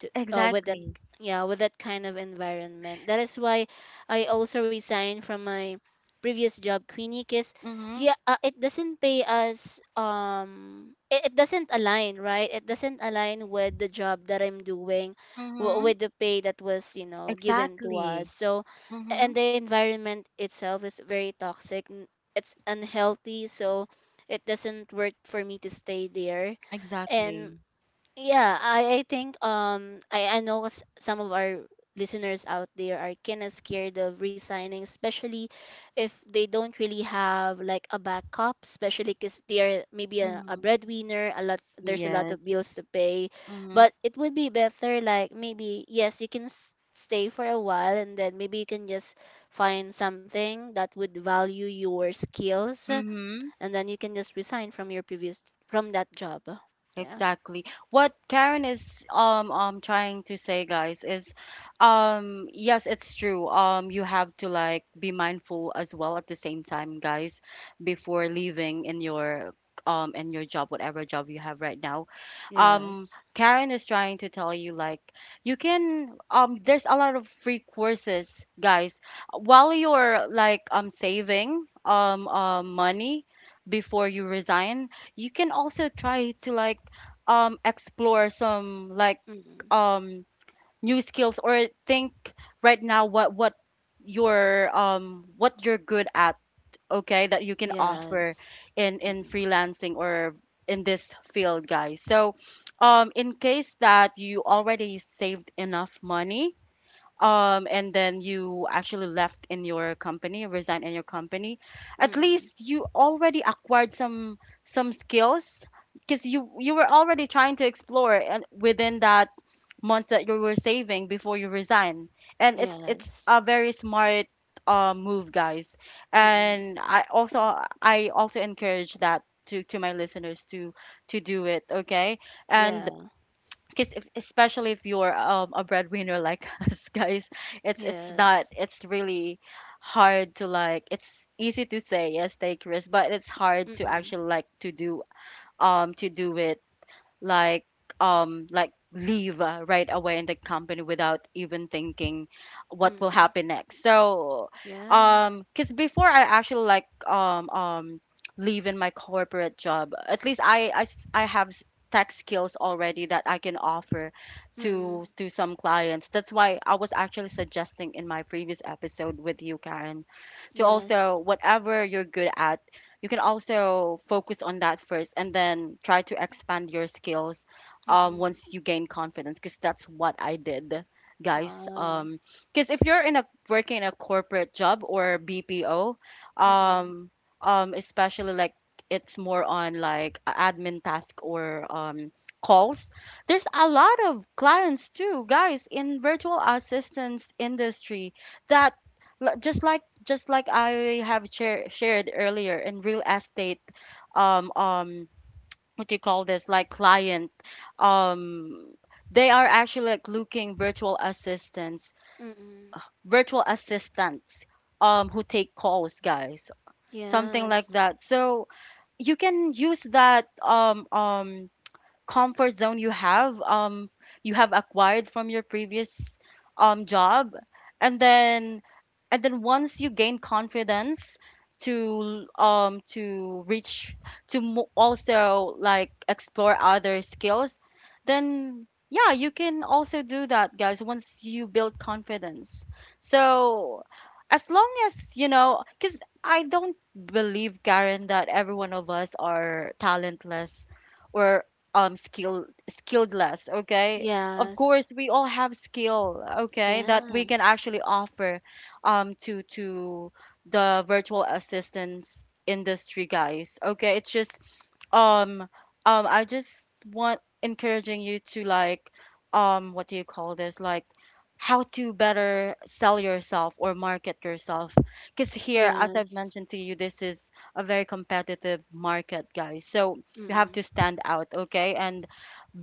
[SPEAKER 2] to, uh, with that,
[SPEAKER 1] Exactly.
[SPEAKER 2] yeah, with that kind of environment. That is why I also resigned from my previous job, Queenie, because
[SPEAKER 1] Mm-hmm.
[SPEAKER 2] yeah, uh, it doesn't pay us, um it, it doesn't align, right? It doesn't align with the job that I'm doing, w-
[SPEAKER 1] Mm-hmm.
[SPEAKER 2] with the pay that was, you know, given to us.
[SPEAKER 1] Exactly.
[SPEAKER 2] So a-
[SPEAKER 1] Mm-hmm.
[SPEAKER 2] and the environment itself is very toxic, n- it's unhealthy, so it doesn't work for me to stay there.
[SPEAKER 1] Exactly.
[SPEAKER 2] Yeah, I, I think um I, I know s- some of our listeners out there are kind of scared of resigning, especially if they don't really have like a backup, especially because they are maybe a, a
[SPEAKER 1] Mm-hmm.
[SPEAKER 2] breadwinner, a lot there's a lot
[SPEAKER 1] Yes.
[SPEAKER 2] of bills to pay.
[SPEAKER 1] Mm-hmm.
[SPEAKER 2] But it would be better, like maybe yes, you can s- stay for a while and then maybe you can just find something that would value your skills,
[SPEAKER 1] Mm-hmm.
[SPEAKER 2] and then you can just resign from your previous from that job. Yeah.
[SPEAKER 1] Exactly. What Karen is um um trying to say, guys, is um yes, it's true. Um you have to like be mindful as well at the same time, guys, before leaving in your, um in your job, whatever job you have right now.
[SPEAKER 2] Yeah.
[SPEAKER 1] Um Karen is trying to tell you like you can, um there's a lot of free courses, guys. While you're like um saving um uh money before you resign, you can also try to like um explore some like
[SPEAKER 2] Mm-mm.
[SPEAKER 1] um new skills or think right now what what your um what you're good at, okay, that you can offer
[SPEAKER 2] Yes.
[SPEAKER 1] in in
[SPEAKER 2] Mm-mm.
[SPEAKER 1] freelancing or in this field, guys. So um in case that you already saved enough money um and then you actually left in your company, resigned in your company, at
[SPEAKER 2] Mm-mm.
[SPEAKER 1] least you already acquired some some skills because you you were already trying to explore. And within that month that you were saving before you resign, and it's it's
[SPEAKER 2] Yes.
[SPEAKER 1] a very smart uh, move, guys.
[SPEAKER 2] Mm-mm.
[SPEAKER 1] And i also i also encourage that, to to my listeners, to to do it, okay. And
[SPEAKER 2] Yeah.
[SPEAKER 1] because if, especially if you're um, a breadwinner like <laughs> us, guys, it's it's not,
[SPEAKER 2] Yes.
[SPEAKER 1] it's really hard to like, it's easy to say yes, take risk, but it's hard to
[SPEAKER 2] Mm-mm.
[SPEAKER 1] actually like to do, um to do it like, um like leave uh, right away in the company without even thinking what will
[SPEAKER 2] Mm-mm.
[SPEAKER 1] happen next. So
[SPEAKER 2] Yes.
[SPEAKER 1] um because before I actually like um um leave in my corporate job, at least i i, s- I have s- tech skills already that I can offer
[SPEAKER 2] Mm-mm.
[SPEAKER 1] to to some clients. That's why I was actually suggesting in my previous episode with you, Karen, to
[SPEAKER 2] Yes.
[SPEAKER 1] also, whatever you're good at, you can also focus on that first and then try to expand your skills, um,
[SPEAKER 2] Mm-mm.
[SPEAKER 1] once you gain confidence, because that's what I did, guys.
[SPEAKER 2] Wow.
[SPEAKER 1] Um because if you're in a, working in a corporate job or B P O,
[SPEAKER 2] Mm-mm.
[SPEAKER 1] um um especially like it's more on like a admin task or um calls, there's a lot of clients too, guys, in virtual assistance industry that, Li- just like, just like I have share, shared earlier, in real estate um um what do you call this, like client, um they are actually like looking virtual assistants,
[SPEAKER 2] Mm-mm.
[SPEAKER 1] virtual assistants um who take calls, guys, something
[SPEAKER 2] Yes.
[SPEAKER 1] like that so you can use that um um comfort zone you have, um you have acquired from your previous um job, and then and then once you gain confidence to um to reach, to mo- also like explore other skills, then yeah, you can also do that, guys, once you build confidence. So as long as you know, because I don't believe, Karen, that every one of us are talentless or um skill skilledless, okay? Of course
[SPEAKER 2] Yes.
[SPEAKER 1] we all have skill, okay, that
[SPEAKER 2] Yeah.
[SPEAKER 1] we can actually offer um to to the virtual assistance industry, guys. Okay, it's just um um i just want encouraging you to like, um what do you call this, like how to better sell yourself or market yourself, because here, as I've
[SPEAKER 2] Yes.
[SPEAKER 1] mentioned to you, this is a very competitive market, guys. So you have
[SPEAKER 2] Mm-mm.
[SPEAKER 1] to stand out, okay, and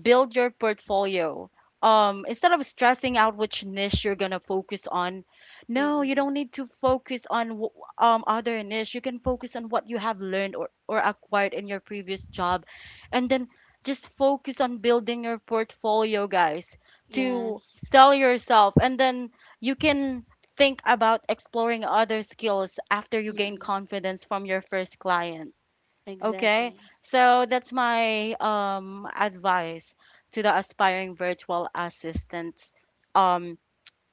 [SPEAKER 1] build your portfolio. Um, instead of stressing out which niche you're gonna focus on, no, you
[SPEAKER 2] Mm-mm.
[SPEAKER 1] don't need to focus on w- um other niche. You can focus on what you have learned or or acquired in your previous job, and then just focus on building your portfolio, guys, to
[SPEAKER 2] Yes.
[SPEAKER 1] sell yourself, and then you can think about exploring other skills after you gain
[SPEAKER 2] Mm-mm.
[SPEAKER 1] confidence from your first client. Okay,
[SPEAKER 2] Exactly.
[SPEAKER 1] so that's my um, advice to the aspiring virtual assistants um,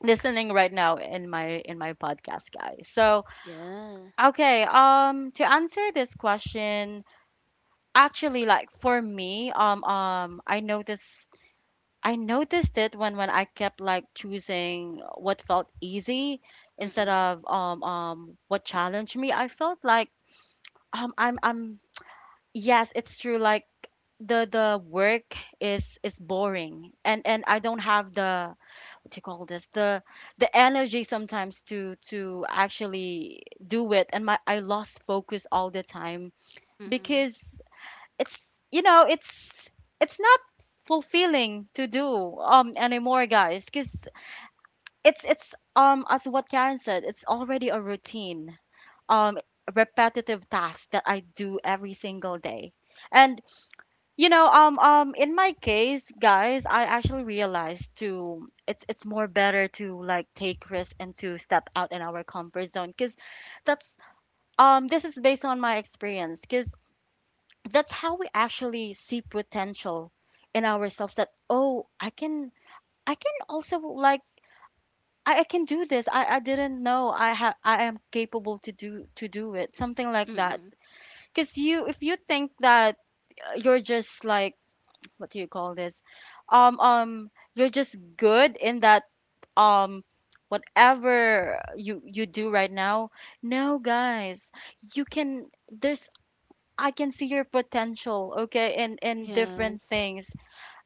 [SPEAKER 1] listening right now in my in my podcast, guys. So
[SPEAKER 2] Yeah.
[SPEAKER 1] okay, um, to answer this question, actually, like for me, um, um, I noticed I noticed it when when I kept like choosing what felt easy instead
[SPEAKER 2] Mm-mm.
[SPEAKER 1] of um, um, what challenged me. I felt like um, I'm I'm Yes, it's true. Like the the work is is boring, and and I don't have the, what do you call this, the the energy sometimes to to actually do it, and my I lost focus all the time
[SPEAKER 2] Mm-mm.
[SPEAKER 1] because it's, you know, it's it's not fulfilling to do um anymore, guys. Because it's it's um as what Karen said, it's already a routine, um repetitive task that I do every single day, and you know, um, um, in my case, guys, I actually realized to it's it's more better to like take risk and to step out in our comfort zone because that's um this is based on my experience, because that's how we actually see potential in ourselves, that oh, I can, I can also like, I, I can do this. I, I didn't know I have I am capable to do, to do it, something like that,
[SPEAKER 2] Mm-mm.
[SPEAKER 1] because you, if you think that uh, you're just like, what do you call this, um um you're just good in that um whatever you you do right now, no guys, you can, there's, I can see your potential, okay, in in different
[SPEAKER 2] Yes.
[SPEAKER 1] things.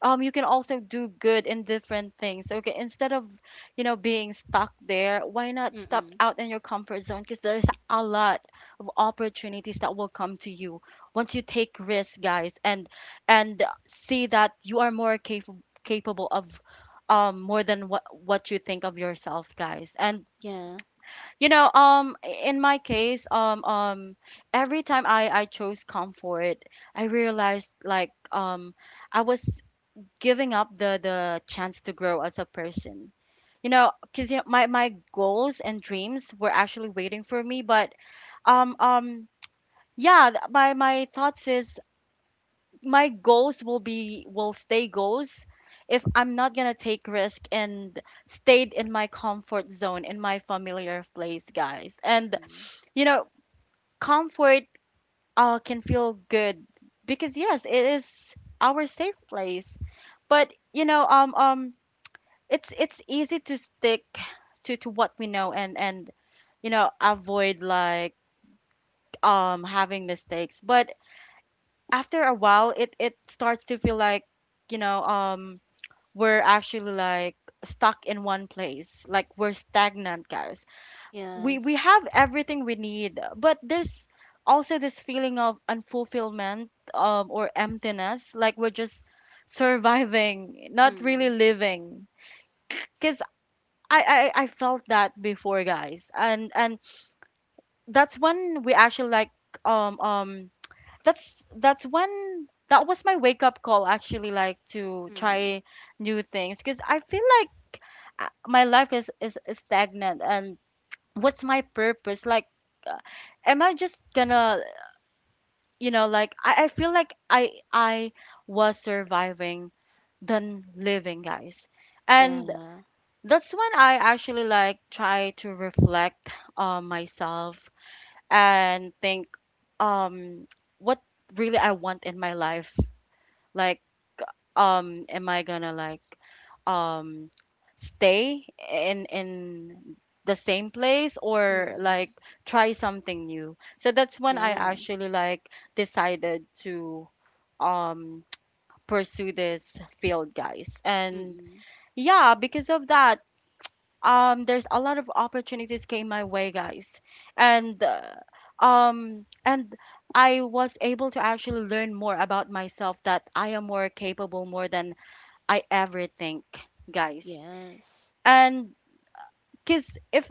[SPEAKER 1] um You can also do good in different things. So okay, instead of, you know, being stuck there, why not step
[SPEAKER 2] Mm-mm.
[SPEAKER 1] out in your comfort zone, because there's a lot of opportunities that will come to you once you take risks, guys, and and see that you are more capable capable of um more than what what you think of yourself, guys. And
[SPEAKER 2] Yeah.
[SPEAKER 1] you know um in my case, um um every time i i chose comfort, I realized like, um I was giving up the the chance to grow as a person, you know, because you know, my my goals and dreams were actually waiting for me. But um um yeah, th- my my thoughts is my goals will be, will stay goals if I'm not gonna take risk and stayed in my comfort zone, in my familiar place, guys. And
[SPEAKER 2] Mm-mm.
[SPEAKER 1] you know, comfort uh can feel good, because yes, it is our safe place. But you know, um um it's it's easy to stick to to what we know, and and you know, avoid like um having mistakes. But after a while, it it starts to feel like, you know, um we're actually like stuck in one place, like we're stagnant, guys. We we
[SPEAKER 2] Yes.
[SPEAKER 1] have everything we need, but there's also this feeling of unfulfillment um or emptiness, like we're just surviving, not really
[SPEAKER 2] Mm.
[SPEAKER 1] living. Because I, I I felt that before, guys, and and that's when we actually like um um that's that's when, that was my wake up call, actually, like to
[SPEAKER 2] Mm.
[SPEAKER 1] try new things, because I feel like uh, my life is, is is stagnant, and what's my purpose, like uh, am I just gonna, you know, like I, I feel like i i was surviving than living, guys, and
[SPEAKER 2] Yeah.
[SPEAKER 1] that's when I actually like try to reflect on myself and think um what really I want in my life. Like um am I gonna like um stay in in the same place, or like
[SPEAKER 2] Mm.
[SPEAKER 1] try something new. So that's when I
[SPEAKER 2] Yeah.
[SPEAKER 1] actually like decided to um pursue this field, guys, and
[SPEAKER 2] Mm.
[SPEAKER 1] yeah, because of that, um there's a lot of opportunities came my way, guys. And uh, um and I was able to actually learn more about myself, that I am more capable more than I ever think, guys.
[SPEAKER 2] Yes.
[SPEAKER 1] And because if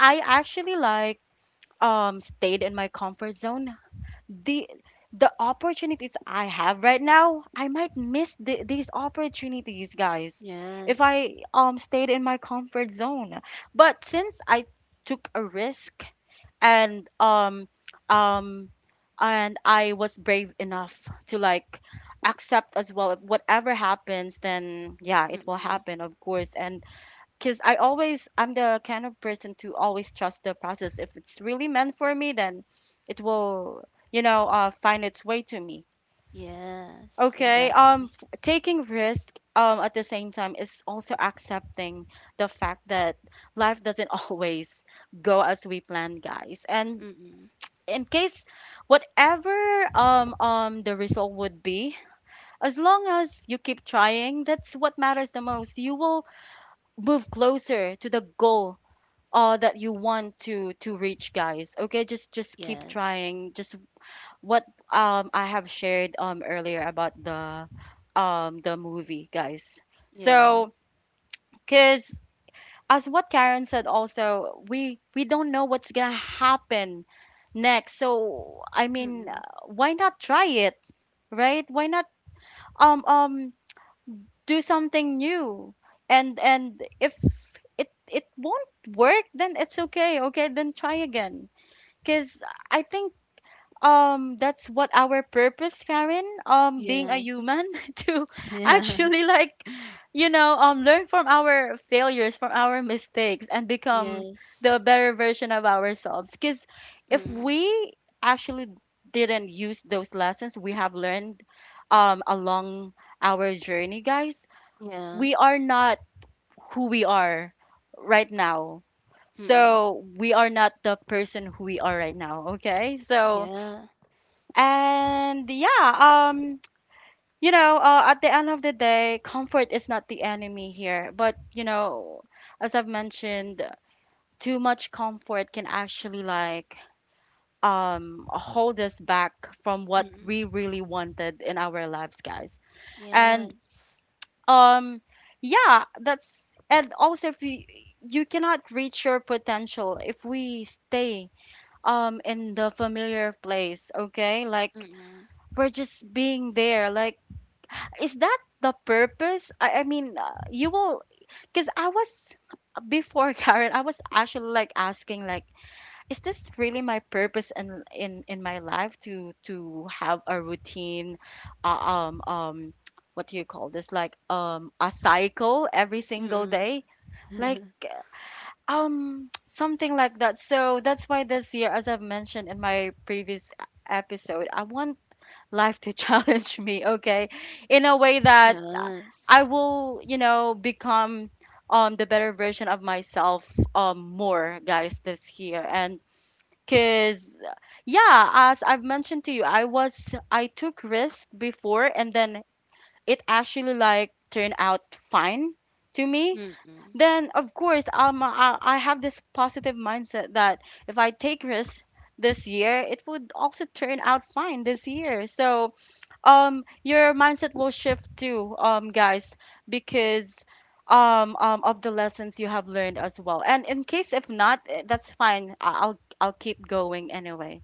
[SPEAKER 1] I actually like um stayed in my comfort zone, the the opportunities I have right now, I might miss the, these opportunities, guys, if
[SPEAKER 2] Yes.
[SPEAKER 1] I um stayed in my comfort zone. But since I took a risk and um um and I was brave enough to like accept as well, if whatever happens, then yeah, it will
[SPEAKER 2] Mm-mm.
[SPEAKER 1] happen, of course. And because I always I'm the kind of person to always trust the process. If it's really meant for me, then it will, you know, uh, find its way to me.
[SPEAKER 2] Yes.
[SPEAKER 1] Okay. Um,
[SPEAKER 2] Exactly.
[SPEAKER 1] f- taking risk um at the same time is also accepting the fact that life doesn't <laughs> always go as we plan, guys. And
[SPEAKER 2] Mm.
[SPEAKER 1] in case whatever um um the result would be, as long as you keep trying, that's what matters the most. You will move closer to the goal uh that you want to to reach, guys. Okay, just just keep
[SPEAKER 2] Yes.
[SPEAKER 1] trying, just what um I have shared um earlier about the um the movie, guys.
[SPEAKER 2] Yeah.
[SPEAKER 1] So because as what Karen said, also we we don't know what's gonna happen next. So I mean, uh,
[SPEAKER 2] Mm.
[SPEAKER 1] why not try it, right? Why not um um do something new? And and if it it won't work, then it's okay. Okay, then try again. Because I think um that's what our purpose, Karen, um being a
[SPEAKER 2] Yes.
[SPEAKER 1] human <laughs> to
[SPEAKER 2] <laughs> Yeah.
[SPEAKER 1] actually like, you know, um learn from our failures, from our mistakes, and become
[SPEAKER 2] Yes.
[SPEAKER 1] the better version of ourselves. Because if
[SPEAKER 2] Mm.
[SPEAKER 1] we actually didn't use those lessons we have learned um along our journey, guys,
[SPEAKER 2] Yeah.
[SPEAKER 1] we are not who we are right now.
[SPEAKER 2] Mm.
[SPEAKER 1] So we are not the person who we are right now, okay? So
[SPEAKER 2] Yeah.
[SPEAKER 1] and yeah, um you know, uh, at the end of the day, comfort is not the enemy here, but you know, as I've mentioned, too much comfort can actually like um hold us back from what
[SPEAKER 2] Mm.
[SPEAKER 1] we really wanted in our lives, guys. And
[SPEAKER 2] Yes.
[SPEAKER 1] um yeah, that's, and also if you, you cannot reach your potential if we stay um in the familiar place, okay? Like
[SPEAKER 2] Mm.
[SPEAKER 1] we're just being there, like is that the purpose? i, I mean, uh, you will, because I was before, <laughs> Karen, I was actually like asking like, is this really my purpose in in in my life, to to have a routine, uh, um um what do you call this, like um a cycle every single
[SPEAKER 2] Mm.
[SPEAKER 1] day, like
[SPEAKER 2] Mm. <laughs>
[SPEAKER 1] um, <tsk> something like that. So that's why this year, as I've mentioned in my previous e- episode, I want life to <laughs> challenge me, okay? In a way that
[SPEAKER 2] Yes.
[SPEAKER 1] I will, you know, become um the better version of myself um more, guys, this year. And cause uh, yeah, as I've mentioned to you, I was I took risk before, and then it actually like turned out fine to me.
[SPEAKER 2] Mm.
[SPEAKER 1] Then of course um I, I have this positive mindset that if I take risks this year, it would also turn out fine this year. So um your mindset will shift too, um guys, because um, um of the lessons you have learned as well. And in case if not, eh, that's fine. I- I'll I'll keep going anyway.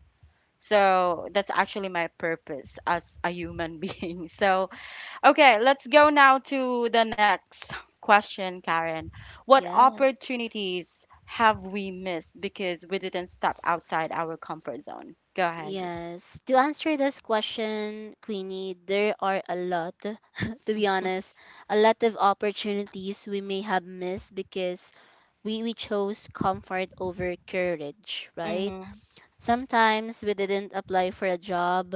[SPEAKER 1] So that's actually my purpose as a human <laughs> being. So okay, let's go now to the next question, Karen. What
[SPEAKER 2] Yes.
[SPEAKER 1] opportunities have we missed because we didn't step outside our comfort zone? Go ahead.
[SPEAKER 2] Yes. To answer this question, Queenie, there are a lot, <laughs> to be honest, a lot of opportunities we may have missed because we, we chose comfort over courage, right?
[SPEAKER 1] Mhm.
[SPEAKER 2] Sometimes we didn't apply for a job,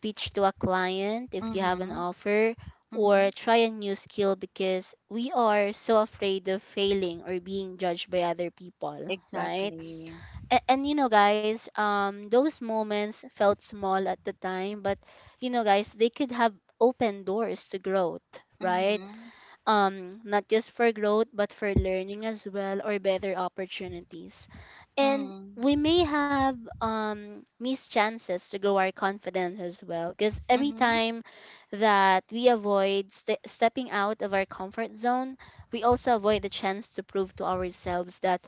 [SPEAKER 2] pitch to a client if you have an
[SPEAKER 1] Mhm.
[SPEAKER 2] offer, or
[SPEAKER 1] Mhm.
[SPEAKER 2] try a new skill because we are so afraid of failing or being judged by other people, right?
[SPEAKER 1] Exactly.
[SPEAKER 2] and, and you know guys um those moments felt small at the time, but you know guys, they could have opened doors to growth, right?
[SPEAKER 1] Mhm.
[SPEAKER 2] Um, not just for growth, but for learning as well, or better opportunities. And
[SPEAKER 1] Mhm.
[SPEAKER 2] we may have um, missed chances to grow our confidence as well, because every
[SPEAKER 1] Mhm.
[SPEAKER 2] time that we avoid ste- stepping out of our comfort zone, we also avoid the chance to prove to ourselves that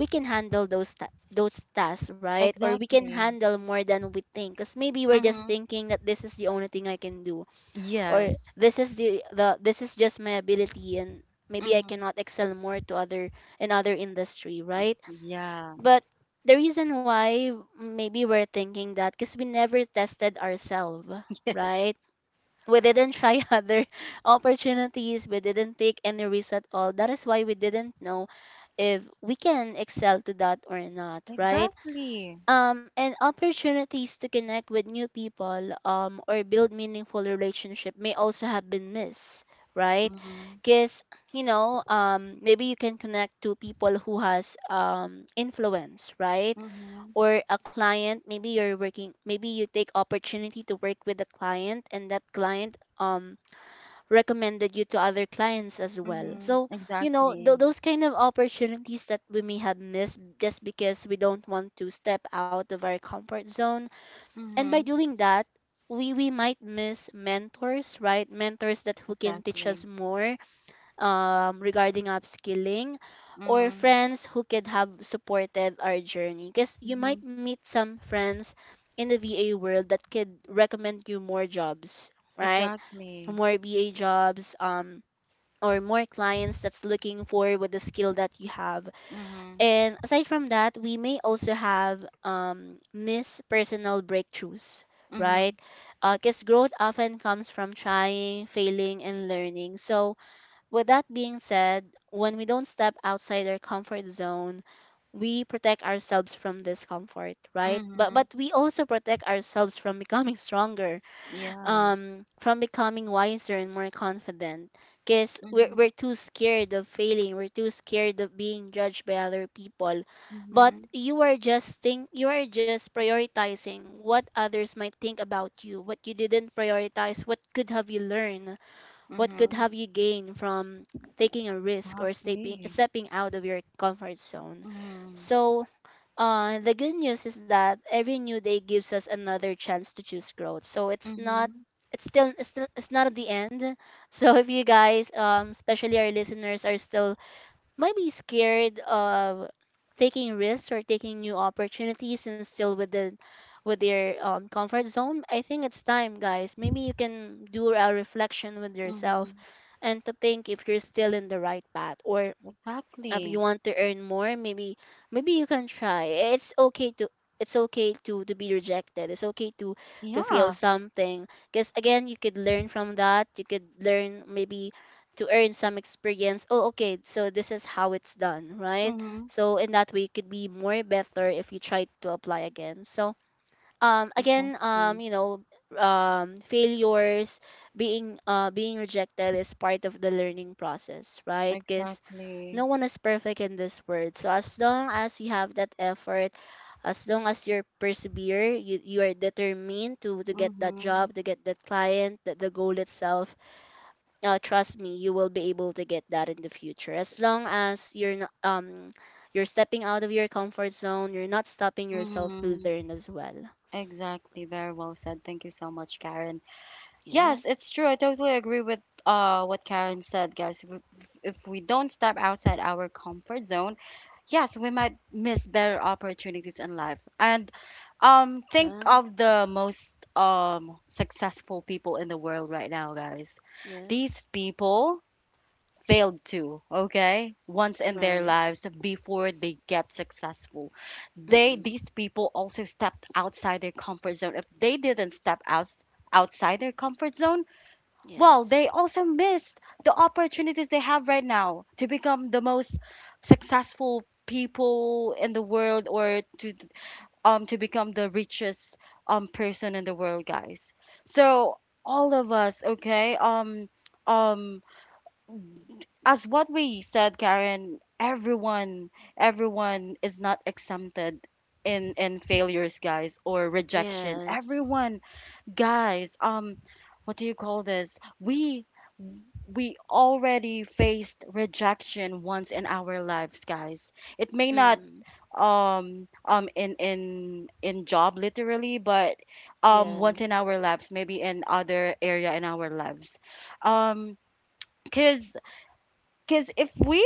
[SPEAKER 2] we can handle those ta- those tasks, right? Or we can
[SPEAKER 1] Exactly.
[SPEAKER 2] handle more than we think, because maybe we're just
[SPEAKER 1] Mhm.
[SPEAKER 2] thinking that this is the only thing I can do, or
[SPEAKER 1] Yes.
[SPEAKER 2] this is the, the this is just my ability, and maybe I
[SPEAKER 1] Mhm.
[SPEAKER 2] cannot excel more to other, in other industry, right?
[SPEAKER 1] Yeah.
[SPEAKER 2] But the reason why maybe we're thinking that, because we never tested ourselves,
[SPEAKER 1] <laughs> Yes.
[SPEAKER 2] right? We didn't try <laughs> other opportunities. We didn't take any risk at all. That is why we didn't know if we can excel to that or not, right?
[SPEAKER 1] Exactly.
[SPEAKER 2] Um, and opportunities to connect with new people um, or build meaningful relationship may also have been missed, right?
[SPEAKER 1] Mhm.
[SPEAKER 2] Because you know um, maybe you can connect to people who has um, influence, right?
[SPEAKER 1] Mhm.
[SPEAKER 2] Or a client, maybe you're working, maybe you take opportunity to work with a client, and that client um, recommended you to other clients as well.
[SPEAKER 1] Mhm.
[SPEAKER 2] So, you know, th-
[SPEAKER 1] Exactly.
[SPEAKER 2] those kind of opportunities that we may have missed just because we don't want to step out of our comfort zone. And by
[SPEAKER 1] Mhm.
[SPEAKER 2] doing that, we, we might miss mentors, right? Mentors that who can teach
[SPEAKER 1] Exactly.
[SPEAKER 2] us more um, regarding upskilling, or
[SPEAKER 1] Mhm.
[SPEAKER 2] friends who could have supported our journey. Because you
[SPEAKER 1] Mhm.
[SPEAKER 2] might meet some friends in the V A world that could recommend you more jobs, right?
[SPEAKER 1] Exactly.
[SPEAKER 2] More V A jobs, um, or more clients that's looking for with the skill that you have.
[SPEAKER 1] Mhm.
[SPEAKER 2] And aside from that, we may also have um, miss personal breakthroughs, right?
[SPEAKER 1] Mhm.
[SPEAKER 2] Because growth often comes from trying, failing, and learning. So, with that being said, when we don't step outside our comfort zone, we protect ourselves from discomfort, right? But
[SPEAKER 1] Mhm.
[SPEAKER 2] but we also protect ourselves from becoming <laughs> stronger,
[SPEAKER 1] Yeah.
[SPEAKER 2] um from becoming wiser and more confident, because we're, we're
[SPEAKER 1] Mhm.
[SPEAKER 2] too scared of failing, we're too scared of being judged by other people. But
[SPEAKER 1] Mhm.
[SPEAKER 2] you are just think, you are just prioritizing what others might think about you, what you didn't prioritize what could have you learned, what could
[SPEAKER 1] Mhm.
[SPEAKER 2] have you gained from taking a risk or stepping
[SPEAKER 1] Exactly.
[SPEAKER 2] stepping out of your comfort zone.
[SPEAKER 1] Mhm.
[SPEAKER 2] So uh, the good news is that every new day gives us another chance to choose growth. So it's not,
[SPEAKER 1] Mhm.
[SPEAKER 2] it's still, it's still, it's not at the end. <laughs> So if you guys, um, especially our listeners, are still maybe scared of taking risks or taking new opportunities and still within with their um, comfort zone, I think it's time, guys. Maybe you can do a reflection with yourself
[SPEAKER 1] Mhm.
[SPEAKER 2] and to think if you're still in the right path, or if you
[SPEAKER 1] Exactly.
[SPEAKER 2] want to earn more, maybe maybe you can try. It's okay to it's okay to to be rejected, it's okay to to feel
[SPEAKER 1] Yeah.
[SPEAKER 2] something, because again you could learn from that. You could learn, maybe, to earn some experience. Oh okay, so this is how it's done, right?
[SPEAKER 1] Mhm.
[SPEAKER 2] So in that way you could be more better if you try to apply again. So um again um
[SPEAKER 1] Exactly.
[SPEAKER 2] you know, um failures, being uh being rejected, is part of the learning process, right? Because
[SPEAKER 1] Exactly.
[SPEAKER 2] no one is perfect in this world. So as long as you have that effort, as long as you're persevere, you, you are determined to to get that
[SPEAKER 1] Mhm.
[SPEAKER 2] job, to get that client, that the goal itself, uh, trust me, you will be able to get that in the future, as long as you're not um you're stepping out of your comfort zone, you're not stopping yourself to
[SPEAKER 1] Mhm.
[SPEAKER 2] learn as well.
[SPEAKER 1] Exactly. Very well said. Thank you so much, Karen.
[SPEAKER 2] Yeah.
[SPEAKER 1] Yes, it's true. I totally agree with uh what Karen said, guys. If we if we don't step outside our comfort zone, yes, we might miss better opportunities in life. And um think
[SPEAKER 2] Yeah,
[SPEAKER 1] of the most um successful people in the world right now, guys. These
[SPEAKER 2] yes,
[SPEAKER 1] people failed too, okay? Once in their
[SPEAKER 2] right.
[SPEAKER 1] lives before they get successful. They
[SPEAKER 2] Mm-mm.
[SPEAKER 1] These people also stepped outside their comfort zone. If they didn't step out, outside their comfort zone,
[SPEAKER 2] Yes,
[SPEAKER 1] well, they also missed the opportunities they have right now to become the most successful people in the world, or to um to become the richest um person in the world, guys. So all of us, okay, um um as what we said, Karen, everyone everyone is not exempted in in failures, guys, or rejection.
[SPEAKER 2] yes.
[SPEAKER 1] Everyone, guys, um what do you call this, we we already faced rejection once in our lives, guys. It may not
[SPEAKER 2] Mm,
[SPEAKER 1] um um in in in job literally, but um
[SPEAKER 2] yeah.
[SPEAKER 1] once in our lives, maybe in other area in our lives, um cuz cuz if we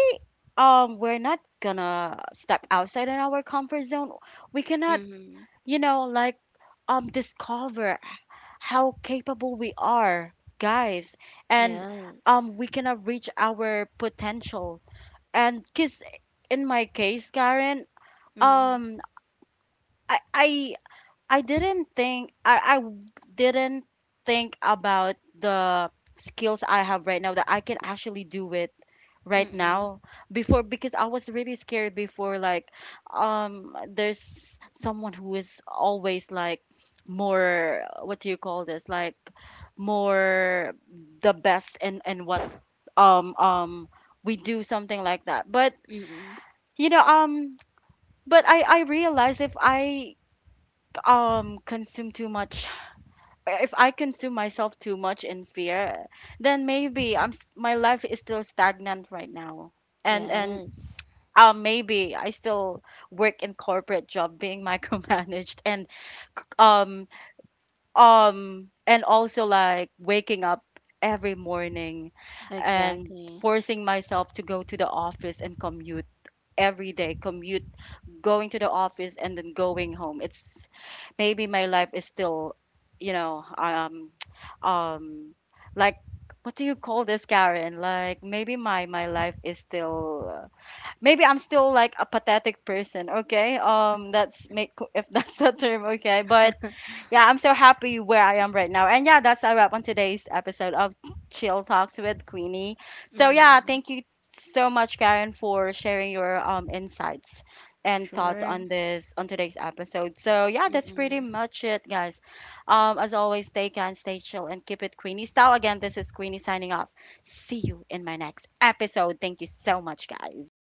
[SPEAKER 1] um we're not gonna step outside in our comfort zone, we cannot,
[SPEAKER 2] Mm-hmm.
[SPEAKER 1] you know, like um discover how capable we are, guys, and
[SPEAKER 2] Yes.
[SPEAKER 1] um, we cannot reach our potential. And because in my case, Karen,
[SPEAKER 2] Mm-hmm.
[SPEAKER 1] um, I, I I didn't think I, I w- didn't think about the skills I have right now that I can actually do it right
[SPEAKER 2] Mm-mm.
[SPEAKER 1] now before, because I was really scared before, like um there's someone who is always like more, what do you call this, like more the best, and and what um um we do, something like that. But
[SPEAKER 2] Mm-mm.
[SPEAKER 1] you know, um but I I realized if I um consume too much, if I consume myself too much in fear, then maybe I'm s- my life is still stagnant right now. And and
[SPEAKER 2] Yes.
[SPEAKER 1] uh, maybe I still work in corporate job being <laughs> micromanaged, and c- um um and also like waking up every morning and
[SPEAKER 2] Exactly.
[SPEAKER 1] forcing myself to go to the office and commute every day, commute going to the office and then going home. It's maybe my life is still, you know, um, <tsk> um, like what do you call this, Karen? Like maybe my my life is still, uh, maybe I'm still like a pathetic person. Okay, um, that's, make if <laughs> that's the term. Okay, but yeah, I'm so happy where I am right now. And yeah, that's a wrap on today's episode of Chill Talks with Queenie. So yeah,
[SPEAKER 2] Mm,
[SPEAKER 1] thank you so much, Karen, for sharing your um insights and thoughts
[SPEAKER 2] sure.
[SPEAKER 1] on this on today's episode. So yeah, that's
[SPEAKER 2] Mm-mm.
[SPEAKER 1] pretty much it, guys. Um, as always, stay kind, stay chill, and keep it Queenie style. Again, this is Queenie signing off. See you in my next episode. Thank you so much, guys.